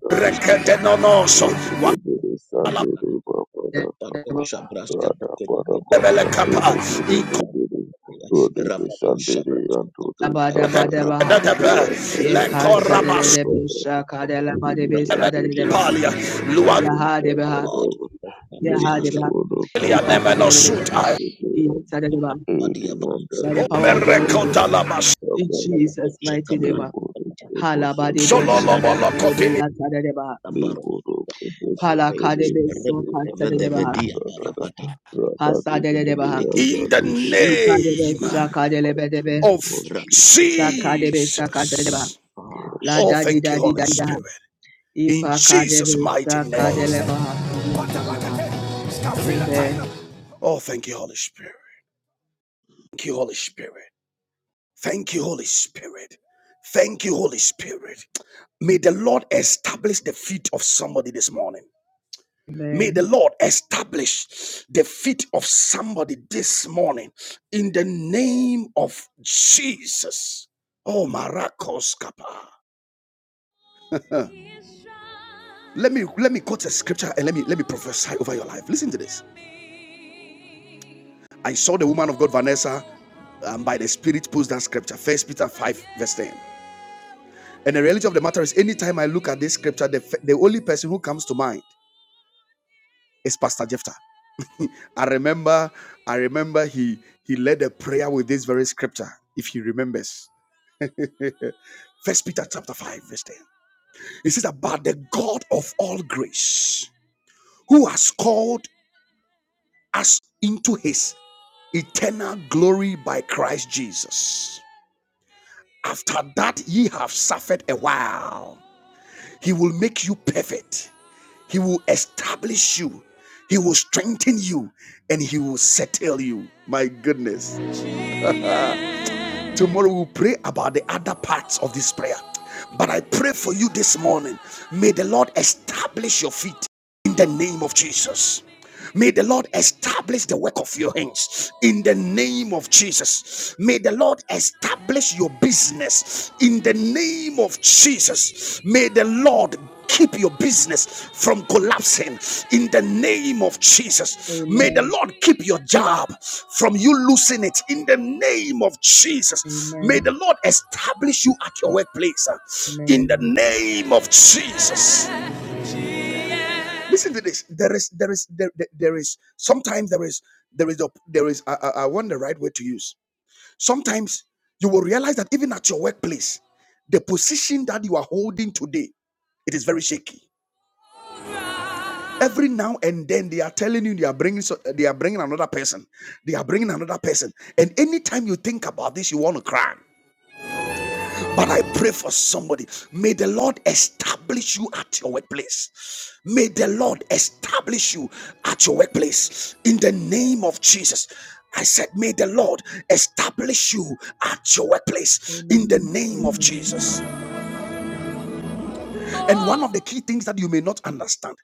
S4: Rapos Kapa
S1: Rekedene
S6: Thank
S1: noso. wala
S6: you.
S4: Rapado Shabras Kata Kete Kete Rapado Shabras Kata Kapa
S3: daba
S4: Rapado
S3: Ye kanta de de de be shaka de la ba de be sa
S4: Rapado
S3: de de ba. Ya ha de be
S4: God
S3: Ya
S4: establish
S3: ha de
S4: us
S3: be
S4: Lord. Rapado
S3: Ipaka de de be. Yanta de de ba.
S4: Abadi Abad
S3: By the
S4: Abad
S3: power
S4: Abad
S3: of the Holy
S4: Abad
S3: Ghost. In
S4: Abad
S3: Jesus' mighty
S4: Abad
S3: name. ah. Hala ba de be
S4: Abad
S3: shada ka de be yanta de de ba.
S4: Abad
S6: Liburu
S4: Abad
S3: Pala
S4: pray.
S3: ka
S6: Kubushangari
S3: be so
S6: Bibi
S3: kanta de de
S6: Andali
S3: ba.
S4: Repedevedia
S6: Sadada
S4: parapata
S3: Hasa
S6: Radadi
S3: de de
S6: Tibi
S3: ba.
S4: pedipediki
S1: In the
S4: pediki
S6: Andali Bibi
S3: Ika be
S1: name
S6: in the
S3: shaka de be de
S6: mighty
S3: be.
S1: of
S6: name of
S5: Shi,
S4: rapapeta
S6: Jesus.
S3: Saka de be shaka de ba.
S1: Jesus.
S4: papa
S3: La
S1: Oh,
S3: da di
S1: thank
S3: da
S1: you,
S3: di da
S1: Holy
S3: da.
S1: Spirit. In
S3: Ipaka de be
S1: Jesus' mighty
S3: shaka de
S1: name.
S3: ba. Yanta de ba. Amen.
S1: Oh, thank you, Holy Spirit. Thank you, Holy Spirit. Thank you, Holy Spirit. Thank you, Holy Spirit. May the Lord establish the feet of somebody this morning. May the
S3: Amen.
S1: Lord establish the feet of somebody this morning in the name of Jesus. Oh, Maracos Kappa. Let me let me quote a scripture and let me let me prophesy over your life. Listen to this. I saw the woman of God Vanessa um, by the Spirit post that scripture, First Peter five verse ten. And the reality of the matter is, anytime I look at this scripture, the, the only person who comes to mind is Pastor Jephthah. I remember, I remember he he led a prayer with this very scripture, if he remembers. First Peter chapter 5, verse 10. It says about the God of all grace, who has called us into his eternal glory by Christ Jesus. After that ye have suffered a while, he will make you perfect He will establish you. He will strengthen you and he will settle you. My goodness. Tomorrow we'll pray about the other parts of this prayer. But I pray for you this morning. May the Lord establish your feet in the name of Jesus. May the Lord establish the work of your hands in the name of Jesus. May the Lord establish your business in the name of Jesus. May the Lord keep your business from collapsing in the name of Jesus. May the
S3: Amen.
S1: Lord keep your job from you losing it in the name of Jesus. May the
S3: Amen.
S1: Lord establish you at your workplace uh,
S3: Amen.
S1: in the name of Jesus
S3: Amen.
S1: listen to this there is there is there, there there is sometimes there is there is a, there is I, I I want the right word to use sometimes you will realize that even at your workplace the position that you are holding today it is very shaky every now and then they are telling you they are bringing so, they are bringing another person they are bringing another person and anytime you think about this you want to cry But I pray for somebody. May the Lord establish you at your workplace. May the Lord establish you at your workplace in the name of Jesus. I said, May the Lord establish you at your workplace in the
S3: Amen.
S1: name of
S3: Amen.
S1: Jesus. And one of the key things that you may not understand,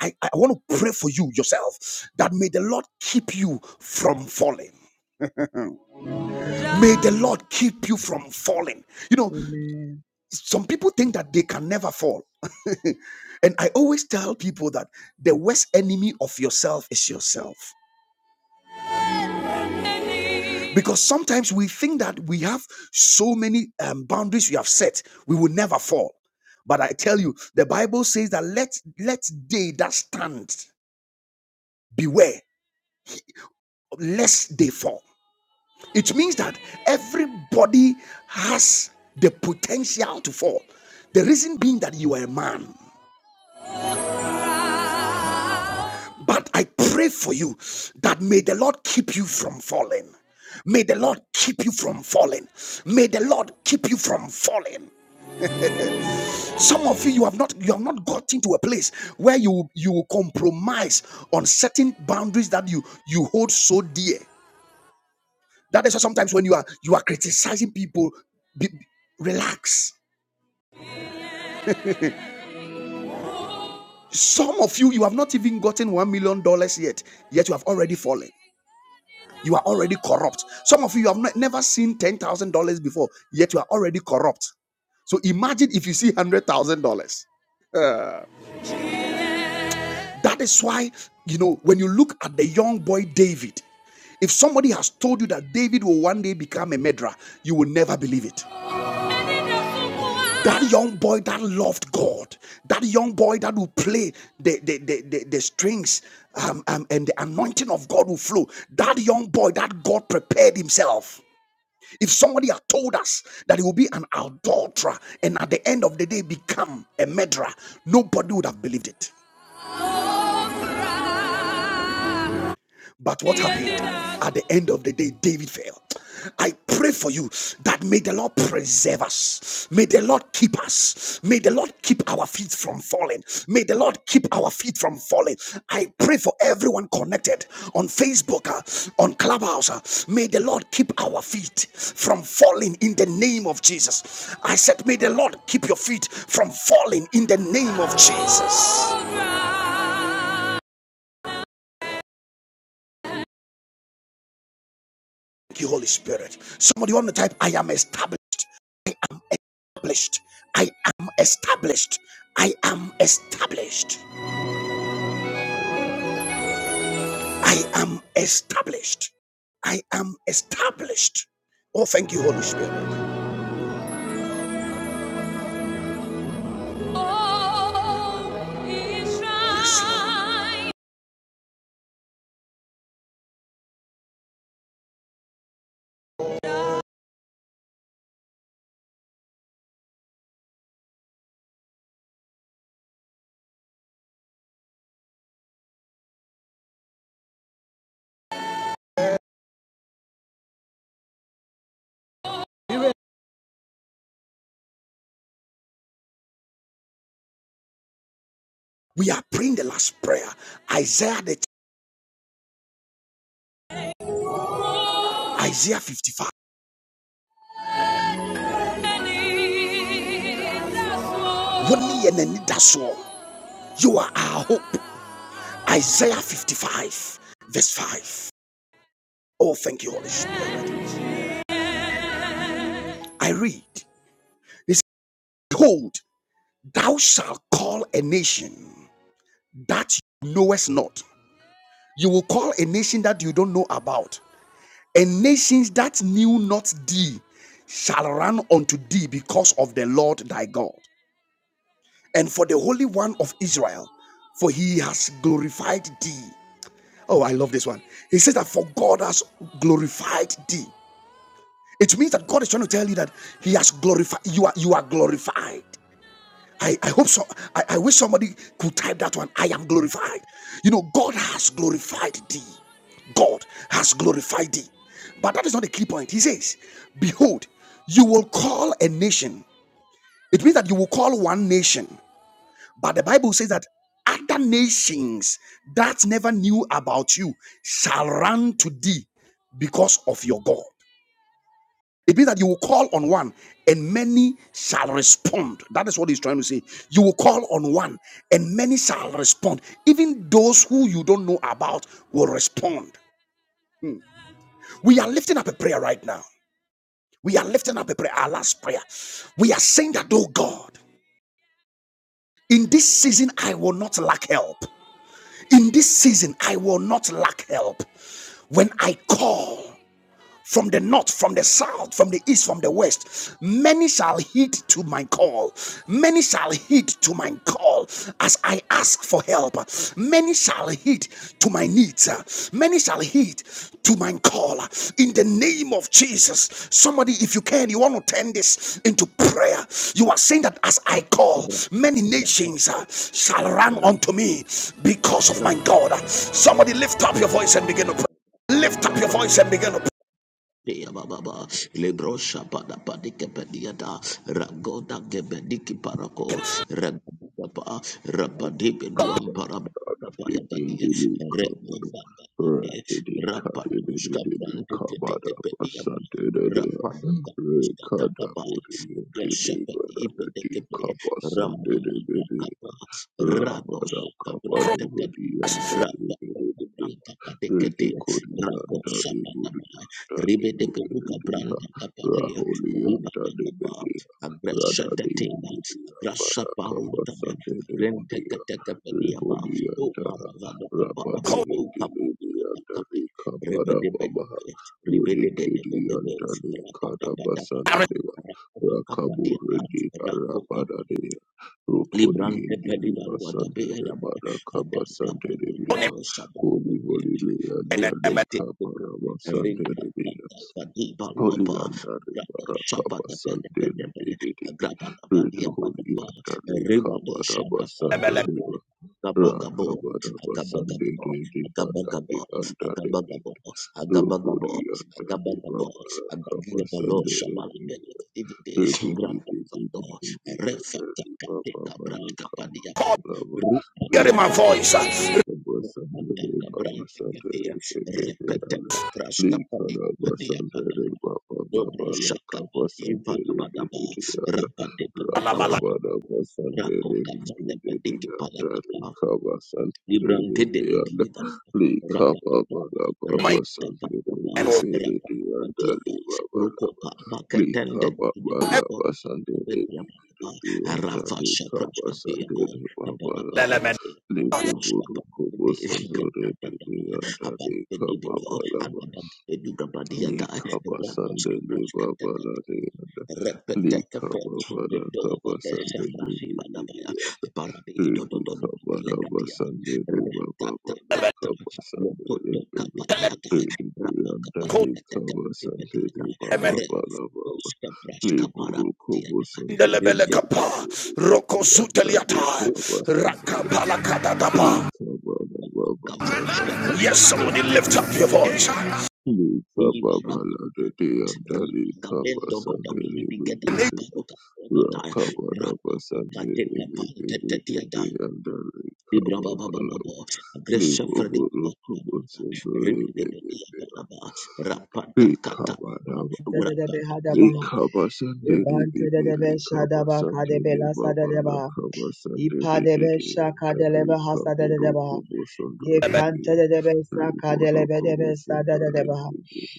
S1: I, I want to pray for you yourself that may the Lord keep you from falling. May the
S3: Amen.
S1: Lord keep you from falling. You know,
S3: Amen.
S1: some people think that they can never fall. *laughs* and I always tell people that the worst enemy of yourself is yourself. Because sometimes we think that we have so many um, boundaries we have set, we will never fall. But I tell you, the Bible says that let let they that stand beware lest they fall. It means that everybody has the potential to fall. The reason being that you are a man. But I pray for you that may the Lord keep you from falling. May the Lord keep you from falling. May the Lord keep you from falling. Some of you, you have not you have not gotten to a place where you you compromise on certain boundaries that you you hold so dear. That is why sometimes when you are you are criticizing people, be, relax. Some of you, you have not even gotten one million dollars yet, yet you have already fallen. You are already corrupt. Some of you have not, never seen $10,000 before, yet you are already corrupt. So imagine if you see $100,000. That is why, you know, when you look at the young boy David, if somebody has told you that David will one day become a murderer, you will never believe it. That young boy that loved God, that young boy that will play the, the, the, the, the strings um, um, and the anointing of God will flow, that young boy that God prepared himself. If somebody had told us that he will be an adulterer and at the end of the day become a murderer, nobody would have believed it. But what happened? At the end of the day, David fell. I pray for you that may the Lord preserve us. May the Lord keep us. May the Lord keep our feet from falling. May the Lord keep our feet from falling. I pray for everyone connected on Facebook, uh, on Clubhouse. uh, may the Lord keep our feet from falling in the name of Jesus. I said, may the Lord keep your feet from falling in the name of Jesus. Thank you, Holy Spirit. Somebody want to type, I am established. established. I am established. I am established. I am established. I am established. Oh, thank you, Holy Spirit. Oh, Israel. We are praying the last prayer. Isaiah the Isaiah 55. You are our hope. Isaiah 55, verse 5. Oh, thank you, Holy Spirit. I read. He Behold, thou shalt call a nation that you knowest not. You will call a nation that you don't know about, and nations that knew not thee shall run unto thee because of the Lord thy God, and for the Holy One of Israel, for he has glorified thee. Oh, I love this one. He says that for God has glorified thee. It means that God is trying to tell you that He has glorified you are you are glorified. I, I hope so. I, I wish somebody could type that one. I am glorified. You know, God has glorified thee. God has glorified thee. But that is not the key point. He says, Behold, you will call a nation. It means that you will call one nation. But the Bible says that other nations that never knew about you shall run to thee because of your God. It means that you will call on one and many shall respond. That is what he's trying to say. You will call on one and many shall respond. Even those who you don't know about will respond. We are lifting up a prayer right now. We are lifting up a prayer, our last prayer. We are saying that, oh God, in this season, I will not lack help. In this season, I will not lack help. When I call, from the north, from the south, from the east, from the west. Many shall heed to my call. Many shall heed to my call as I ask for help. Many shall heed to my needs. Many shall heed to my call in the name of Jesus. Somebody, if you can, you want to turn this into prayer. You are saying that as I call, many
S4: rapapa
S1: nations uh, shall run unto me because of my God. Somebody lift up your voice and begin to pray. Lift up your
S4: rapapa
S1: voice and begin to pray.
S4: Pia baba lebro shapa da padike pediata ragoda gebediki parako ragoda pa
S6: Radadi
S4: rabadi peduam paraba kapaya tadi
S6: Indili Kabada
S4: regoda
S6: Radidi
S4: rapatu
S6: Kadibidi
S4: skapante
S6: Kabada
S4: tete pedia
S6: Basantede
S4: rapaduka
S6: Rekada
S4: skatakapa
S6: Budi Indili
S4: Shepherd,
S6: Radadi Kabasantede
S4: Ramamantaka,
S6: Bidi
S4: Rado
S6: Rabada Kabadu
S4: Shakabrantakat,
S6: Budi Andali
S4: Rabakabrantakatekate,
S6: Ridi
S4: Rago
S6: Korianda de
S4: Shapanama,
S6: Burianda de
S4: Ribedebuka
S6: Bibiriha,
S4: Brantakapane,
S6: Raholianda de
S4: Rubakapa,
S6: Bedia, Rada de
S4: Agrashatatina,
S6: Budia, Barakapa
S4: Agrashaparunta,
S6: Sande de Budia,
S4: Agrentakatakapadiaba, O
S6: Reholianda,
S4: Maravadakapa,
S6: Rabadi
S4: O Papa.
S6: Indilibianda de Kabada
S4: Ribedebedebe,
S6: Babaha, Rudi Kirianda de
S4: ribedebedebe,
S6: Kadabasandelewa,
S4: Rakotoka padiata,
S6: Rakaburidi
S4: rakoka
S6: Harabada Dea
S4: Libran
S6: Rukodi
S4: Librante
S6: and Diliba
S4: pelibaru
S6: Sunday
S4: adabe
S6: de Rokodi Indilibasandele
S4: edaba
S6: Barakaba
S4: adada babu nado
S6: Sandelewa,
S4: shaba
S6: Holy,
S4: pepe
S6: holy,
S4: repete
S6: leandare,
S4: pepe
S6: caparama,
S4: renta
S6: sandere, via.
S4: pata pati baru
S6: Holy,
S4: apa
S6: andare,
S4: grabo shaba
S6: maracapa,
S4: tepe tepe
S6: sandere,
S4: tepe ada
S6: vedere.
S4: agraba tepe
S6: Redo,
S4: dia pada
S6: holy,
S4: pa
S6: andare,
S4: riba do
S6: caparama,
S4: shaka pada
S6: sandere,
S1: Hearing
S4: tepe
S6: va.
S4: gaba gabo
S6: Racabarama,
S4: agaba
S6: sandere,
S4: gabo
S6: vea,
S4: agaba
S6: andare,
S4: gabo
S6: andare,
S4: agaba gabo
S6: via.
S4: agaba gabo
S6: Rohori,
S4: agaba
S6: andare,
S4: gabo
S6: mamaracapa,
S4: agagia balo shaba
S6: sandere,
S4: la pele
S6: via.
S4: divide
S6: Rakabada
S4: grabo
S1: my voice,
S6: Likababa
S4: Rako kaza tepediki pala Librante de de de de de. Rapatapa,
S1: my
S6: Baba
S4: rapatapa,
S6: Sandiri
S1: man will
S6: Biri Dianda
S4: rapatapa,
S6: Libaba
S4: rukopa,
S6: Lika
S4: bakatende de de de
S6: baba
S4: de
S6: laba
S4: ora.
S6: sandere
S4: Kapelapa,
S6: bebe
S4: arava
S6: antali
S4: shabras
S6: kaba
S4: kapea ko,
S6: sandere baba
S4: kapara pada
S6: laba
S1: element,
S4: kapea.
S6: lebo
S4: Rasta
S6: buru
S4: pada
S6: kobo
S4: kapea,
S6: sandere
S4: grata
S6: bebe
S4: abad
S6: antali
S4: de de de
S6: kaba
S4: do,
S6: laba
S4: abad de de de do, abad dia da,
S6: Likaba
S4: ratas
S6: sande
S4: kapras
S6: liba bala liyanda.
S4: Repetete
S6: Likaba
S4: de
S6: bala
S4: dova
S6: kaba
S4: de
S6: sande
S4: sefrasi
S6: libi libi
S4: badabaya
S6: yanda.
S4: paradi do do do
S6: Likaba
S4: di
S6: raba
S4: legatiata
S6: sande liba
S4: reta ta
S6: baba
S4: ta
S6: la
S4: ta
S6: kaba
S4: lo
S6: sande
S4: to to
S6: libi libi.
S4: kapatiata
S6: Libi
S4: rapa
S6: yanda
S1: cold
S4: kapatiata te te
S6: likaba
S4: te
S6: sande
S4: mediata
S6: liba
S1: element.
S4: re
S6: baba la baba.
S4: tosca prasca
S6: Liburu kubu
S4: parapatiata
S6: sande
S1: Ndelebele
S4: rige
S6: libi
S4: to
S1: kapa,
S6: libi libi yanda
S4: rupa
S6: likaba sande liba. Likaba raba baba la
S4: kavrasca
S6: kaba
S1: Yes, somebody
S6: sande
S1: lift up
S6: libi
S1: your
S6: libi.
S1: voice.
S6: Lika
S4: iva
S6: baba
S4: rapa
S6: la dede yanda lika
S4: Rapendo
S6: basande
S4: godogini
S6: rebe
S4: bigeta kaparo
S6: rebe
S4: kaparo kataya
S6: raka bada
S4: rapa
S6: basande
S4: kapate
S6: rebe rebe
S4: kapante
S6: rebe yanda lika
S4: Libra ba ba
S6: baba
S4: ba ba
S6: la
S4: ba. Gresha
S6: libo
S4: fredi
S6: bolo
S4: ba ba ba
S6: kubo
S4: ba.
S6: sendo
S4: Ribe de
S6: rebe
S4: be di
S6: rebe
S4: ba ba ba. Rapata
S6: lika
S4: kata ba.
S6: baba baba
S3: Dadadebe
S4: Rapata
S3: hadaba.
S4: kata.
S6: lika basande rebe
S3: Rebante
S6: rebe
S3: dadebe
S6: lika
S3: shadaba
S6: basande
S3: kadebe
S6: le
S3: la
S6: baba la
S3: sadadeba.
S6: kaba sande
S3: Ipadebe
S6: dede yanda
S3: shakadelebe
S6: lika bolo
S3: hasadadeba.
S6: kubo sendo rebe
S3: Yekante dadebe
S6: Kababala,
S3: sakadelebe debe sadadeba.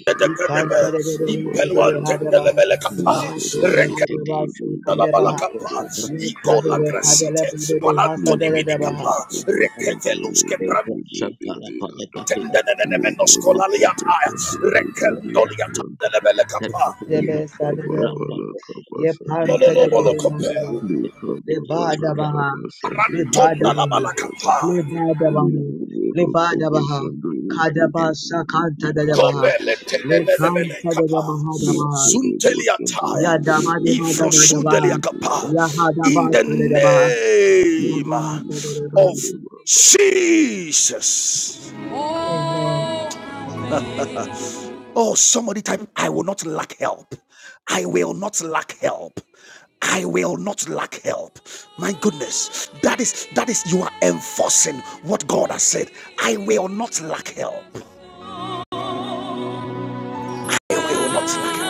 S1: Dedekadebe,
S3: Ikante dadebe lebe
S1: impelwa
S3: debe hadaba.
S1: tendelebele kapa,
S3: Yatebe
S1: reke
S4: Rapete
S3: hadaba sakadeba.
S1: dalabala
S4: Rapata
S1: kapa,
S4: ba bra.
S3: Ye kadere kadere bedere hasadere debaha.
S4: Gresha ba la ba la ba la. Rapata ba di ba. Kata ba la
S3: Debe
S4: ba.
S3: sadere
S4: Rapata
S3: baha. Ye
S6: Kabashandele,
S4: ba
S3: pantedere
S4: ba.
S3: debaha.
S4: Rute te te
S3: Lebada
S4: Rapata
S3: baha. Lebada baha.
S6: Kababala,
S1: Tondalabalakapa.
S3: Lebada baha. Lebada
S4: ya
S3: baha.
S4: te te.
S3: Kadaba sakanta de baha.
S4: Rapata.
S3: Le kanta de
S1: Tobeletenenenebelekapa.
S3: baha da baha. Ya
S1: Zunteliataya.
S3: daba de ba daba da baha.
S1: Ivrosudeliakapa.
S3: Ya hada
S1: In
S4: Rapata.
S1: the
S3: basta de baha. Ya
S1: name
S3: baha sadere baha.
S1: of Jesus.
S3: Amen.
S1: Oh, somebody type, I will not lack help. I will not lack help. I will not lack help. My goodness. That is, that is, you are enforcing what God has said. I will not lack help. I will not lack help.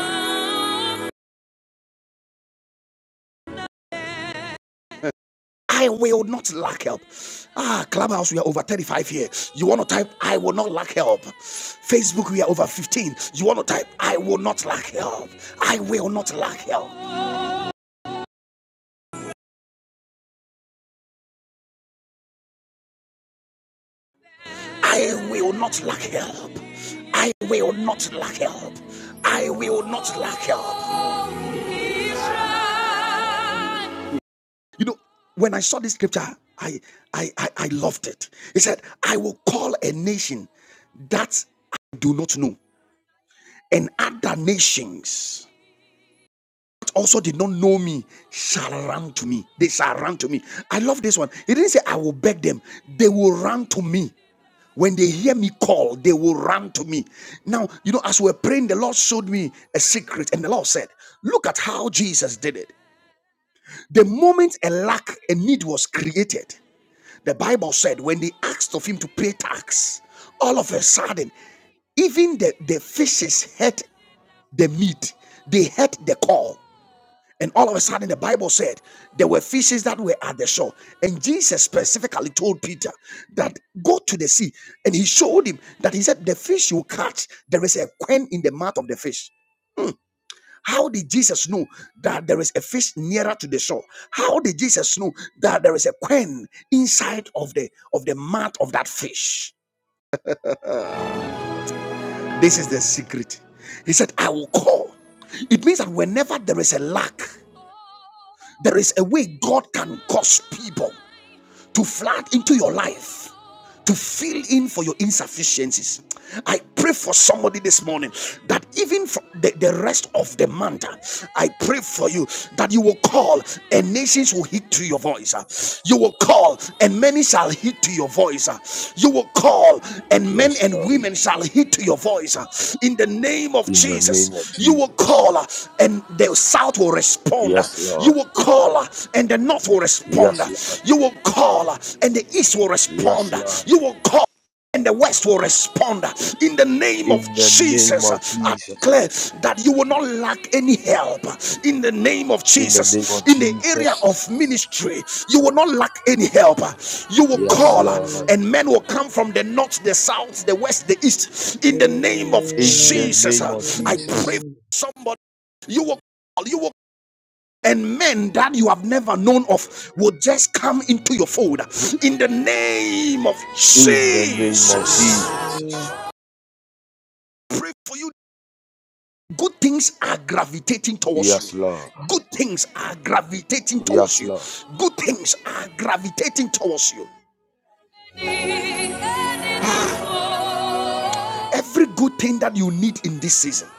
S1: I will not lack help. Ah, Clubhouse, we are over 35 here. You want to type, I will not lack help. Facebook, we are over 15. You want to type, I will not lack help. I will not lack help. I will not lack help. I will not lack help. I will not lack help. You know, when I saw this scripture, I I I, I loved it. He said, I will call a nation that I do not know. and other nations also did not know me shall run to me. They shall run to me. I love this one. He didn't say, I will beg them. They will run to me. When they hear me call, they will run to me. Now, you know, as we we're praying, the Lord showed me a secret, and the Lord said, Look at how Jesus did it. The moment a lack, a need was created, the Bible said, when they asked of him to pay tax, all of a sudden, even the, the fishes heard the meat they heard the call And all of a sudden, the Bible said there were fishes that were at the shore. And Jesus specifically told Peter that go to the sea. And he showed him that he said, The fish you catch, there is a quen in the mouth of the fish. How did Jesus know that there is a fish nearer to the shore? How did Jesus know that there is a quen inside of the of the mouth of that fish? This is the secret. He said, I will call. It means that whenever there is a lack, there is a way God can cause people. to flood into your life to fill in for your insufficiencies. I pray for somebody this morning that even for the, the rest of the month, I pray for you that you will call and nations will heed to your voice. You will call and many shall heed to your voice. You you will call, and men
S7: Yes,
S1: and
S7: Lord.
S1: women shall heed to your voice. uh, In the name of
S7: In the name of
S1: Jesus, you will
S7: Jesus.
S1: call, uh, and the south will respond. uh,
S7: Yes,
S1: You
S7: Lord.
S1: will call, uh, and the north will respond.
S7: Yes,
S1: uh,
S7: Lord.
S1: You will call, uh, and the east will
S7: Yes,
S1: respond. uh,
S7: Lord.
S1: You will call and the West will respond in the name of
S7: In the name of
S1: Jesus. I
S7: Jesus.
S1: Declare that you will not lack any help in the name of
S7: In the name
S1: Jesus.
S7: of
S1: In the area
S7: Jesus.
S1: of ministry, you will not lack any help. You will
S7: Yes,
S1: call,
S7: Lord.
S3: Amen.
S1: and men will come from the north, the south, the west, the east. In the name of
S7: In the
S3: Amen.
S1: Jesus,
S7: name of
S1: I
S7: Jesus.
S1: pray
S3: Amen.
S1: for somebody. You will call, you will and men that you have never known of will just come into your fold in the name of
S7: In the name of
S1: Jesus.
S7: Jesus.
S3: Amen.
S1: Pray for you. Good things are gravitating towards you.
S7: Yes, Lord.
S1: Good things are gravitating towards
S7: Yes,
S1: you.
S7: Lord.
S1: Good things are gravitating towards you. Every good thing that you need in this season,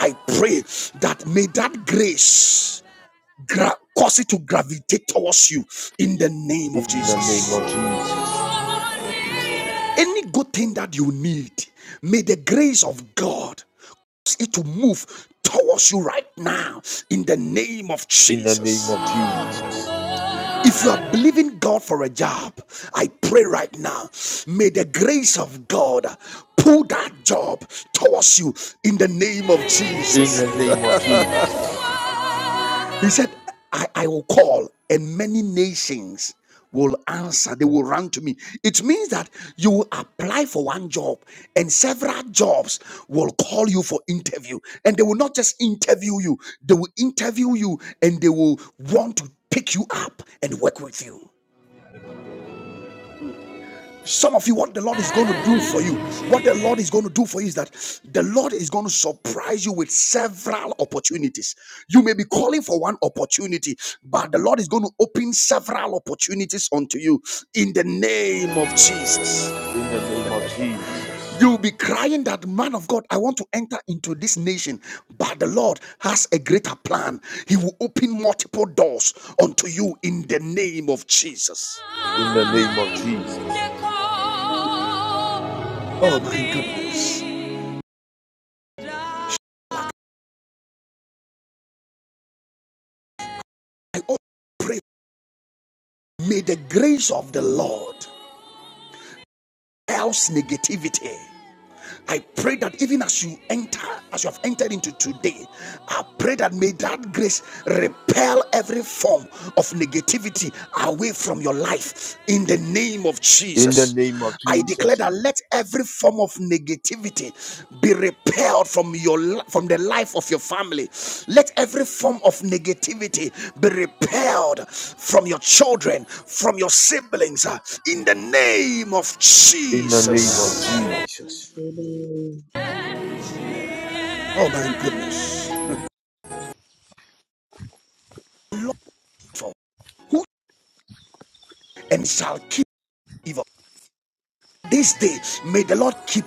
S1: I pray that may that grace gra- cause it to gravitate towards you in the name of
S7: In the name
S1: Jesus.
S7: of Jesus.
S1: Any good thing that you need, may the grace of God cause it to move towards you right now in the name of
S7: In the name
S1: Jesus.
S7: of Jesus.
S1: If you are believing God for a job, I pray right now, may the grace of God pull that job towards you in the name of
S7: In
S1: Jesus.
S7: the name of Jesus.
S1: He said, I, I will call, and many nations will answer. They will run to me. It means that you will apply for one job, and several jobs will call you for interview. And they will not just interview you, they will interview you and they will want to pick you up and work with you. Some of you, what the Lord is going to do for you, what the Lord is going to do for you is that the Lord is going to surprise you with several opportunities. You may be calling for one opportunity, but the Lord is going to open several opportunities unto you in the name of Jesus.
S7: In the name of Jesus.
S1: You'll be crying that, man of God, I want to enter into this nation, but the Lord has a greater plan. He will open multiple doors unto you in the name of Jesus.
S7: In the name
S8: Yes,
S7: of Jesus.
S1: Oh my goodness. I pray, may the grace of the Lord else negativity. I pray that even as you enter, as you have entered into today, I pray that may that grace repel every form of negativity away from your life in the name of
S7: In the
S1: Jesus.
S7: name of
S1: I declare
S7: Jesus.
S1: that let every form of negativity be repelled from your from the life of your family. Let every form of negativity be repelled from your children, from your siblings, uh, in the name of
S7: In the name of
S1: Jesus.
S7: Jesus.
S3: Amen.
S1: Oh my goodness. who and shall keep evil? This day may the Lord keep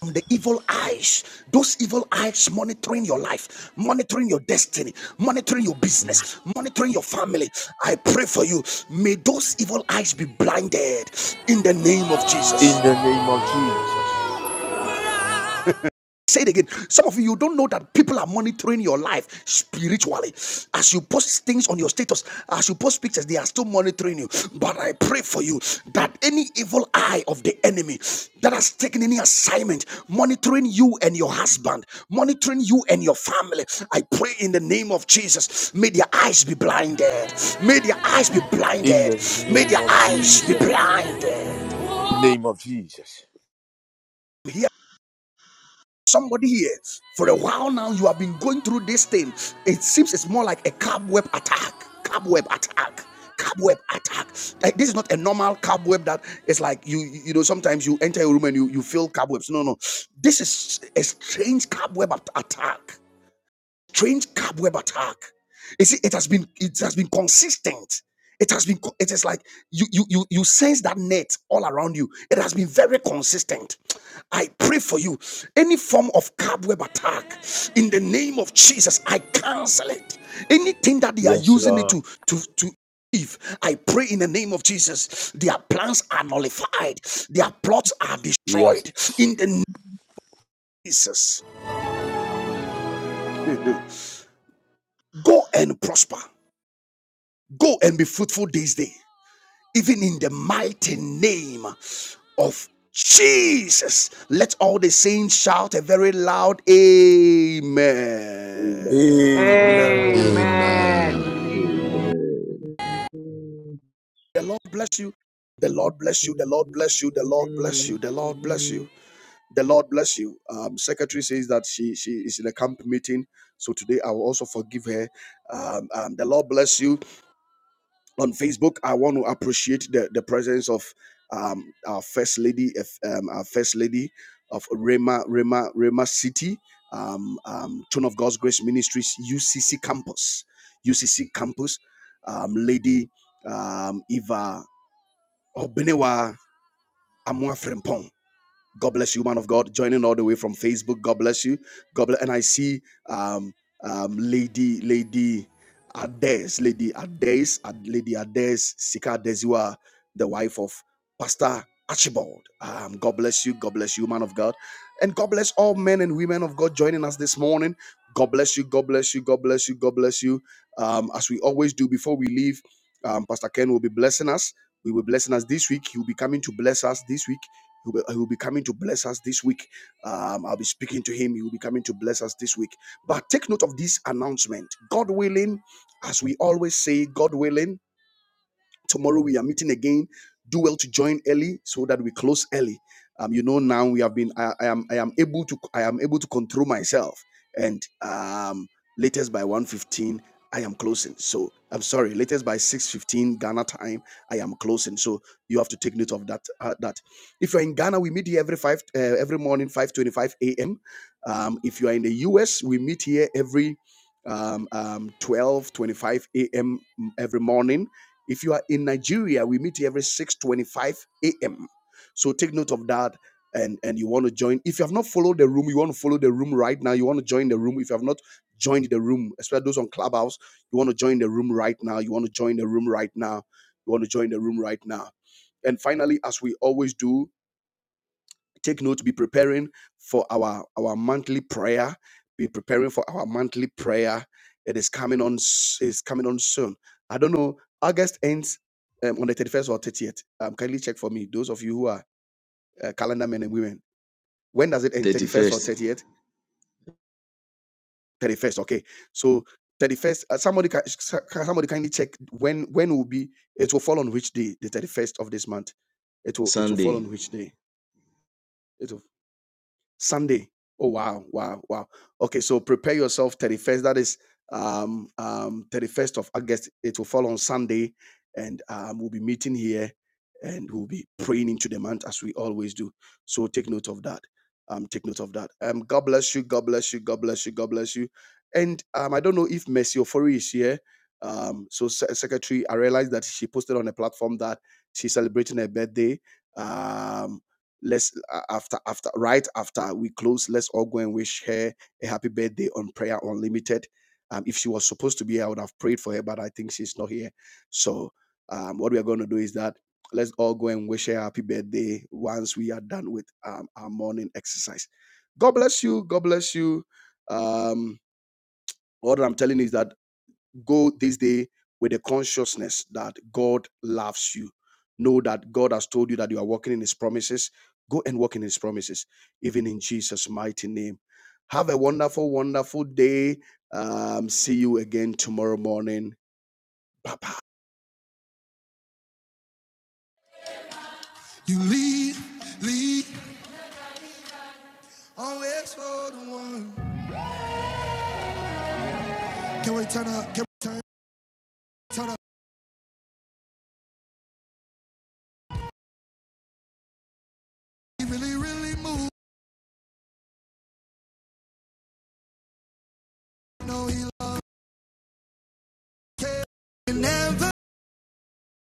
S1: from the evil eyes, those evil eyes monitoring your life, monitoring your destiny, monitoring your business, monitoring your family. I pray for you. May those evil eyes be blinded in the name of Jesus.
S7: In the name of Jesus.
S1: Say it again. Some of you, you don't know that people are monitoring your life spiritually. As you post things on your status, as you post pictures, they are still monitoring you. But I pray for you that any evil eye of the enemy that has taken any assignment, monitoring you and your husband, monitoring you and your family, I pray in the name of Jesus, may their eyes be blinded. May their eyes be
S7: In
S1: blinded.
S7: the
S1: May
S7: name
S1: their
S7: of
S1: eyes be
S7: Jesus.
S1: blinded.
S7: In the name of Jesus.
S1: Here Somebody here, for a while now, you have been going through this thing. It seems it's more like a cobweb attack. Cobweb attack. Cobweb attack. Like this is not a normal cobweb that is like you, you know, sometimes you enter a room and you, you feel cobwebs. No, no. This is a strange cobweb at- attack strange cobweb attack. You see, it has been it has been consistent. It has been it is like you you you you sense that net all around you. It has been very consistent. I pray for you. Any form of cobweb attack in the name of Jesus, I cancel it. Anything that they are
S7: Yes,
S1: using it
S7: Lord.
S1: to to to if I pray in the name of Jesus, their plans are nullified, their plots are
S7: Yes.
S1: destroyed in the name of Jesus. *laughs* Go and prosper. Go and be fruitful this day, even in the mighty name of Jesus. Let all the saints shout a very loud Amen.
S7: Amen.
S9: Amen.
S5: Amen.
S3: Amen.
S10: And.
S6: Amen.
S1: The Lord bless you. The Lord bless you. The Lord
S3: Amen.
S1: bless you. The Lord bless you.
S3: Amen.
S1: The Lord bless you.
S3: Amen.
S1: The Lord bless you. Um, secretary says that she she is in a camp meeting, so today I will also forgive her. Um, um, the Lord bless you. on Facebook, I want to appreciate the, the presence of um, our first lady, um, our first lady of Rema Rema Rema City, um, um, Tone of God's Grace Ministries UCC campus, UCC campus, um, Lady um, Eva Obenewa Amua Frempong. God bless you, man of God. Joining all the way from Facebook. God bless you. God bless. And I see um, um, Lady Lady Ades, Lady Ades, Lady Ades, Sika Adesua, the wife of Pastor Archibald. Um, God bless you. God bless you, man of God. And God bless all men and women of God joining us this morning. God bless you. God bless you. God bless you. God bless you. Um, as we always do before we leave, um, Pastor Ken will be blessing us. We will be blessing us this week. He will be coming to bless us this week He'll be, coming to bless us this week. Um, I'll be speaking to him. He will be coming to bless us this week. But take note of this announcement. God willing, as we always say, God willing. Tomorrow we are meeting again. Do well to join early so that we close early. Um, you know now we have been. I, I am. I am able to. I am able to control myself. And um, latest by one fifteen, I am closing. So I'm sorry. Latest by 6:15 Ghana time, I am closing. So you have to take note of that. uh, that if you're in Ghana, we meet here every five uh, every morning 5:25 a.m. Um, if you are in the US, we meet here every um, um, 12 a.m. every morning if you are in Nigeria, we meet every 6:25 a.m. So take note of that. And, and you want to join. If you have not followed the room, you want to follow the room right now. You want to join the room. If you have not joined the room, especially those on Clubhouse, you want to join the room right now. You want to join the room right now. You want to join the room right now. And finally, as we always do, Take note, be preparing for our, our monthly prayer. Be preparing for our monthly prayer. It is coming on s- It's coming on soon. I don't know. August ends um, on the 31st or 30th. Um, kindly check for me. Those of you who are uh, calendar men and women. When does it end? 31st or
S4: 31st.
S1: 30th? 31st. Okay. So 31st. Uh, somebody can somebody kindly check when when will be. It will fall on which day? The 31st of this month. It will it will fall
S4: Sunday
S1: on which day? It will. Sunday. Oh wow, wow, wow. Okay, so prepare yourself 31st. That is um um 31st of August. It will fall on Sunday, and um we'll be meeting here and we'll be praying into the month as we always do. So take note of that. Um, take note of that. Um, God bless you, God bless you, God bless you, God bless you. And um, I don't know if Mercy Ofori is here. Um, so Se- Secretary, I realized that she posted on a platform that she's celebrating her birthday. Um let's uh, after after right after we close let's all go and wish her a happy birthday on prayer unlimited um, if she was supposed to be here i would have prayed for her but i think she's not here so um, what we are going to do is that let's all go and wish her a happy birthday once we are done with um, our morning exercise god bless you god bless you um, what i'm telling you is that Go this day with the consciousness that God loves you. Know that God has told you that you are walking in His promises. Go and walk in His promises, even in Jesus' mighty name. Have a wonderful, wonderful day. Um, see you again tomorrow morning. You lead, lead, always for the one. Can we turn up? Can we turn, turn up? He really, really moved. No, he like it. Never.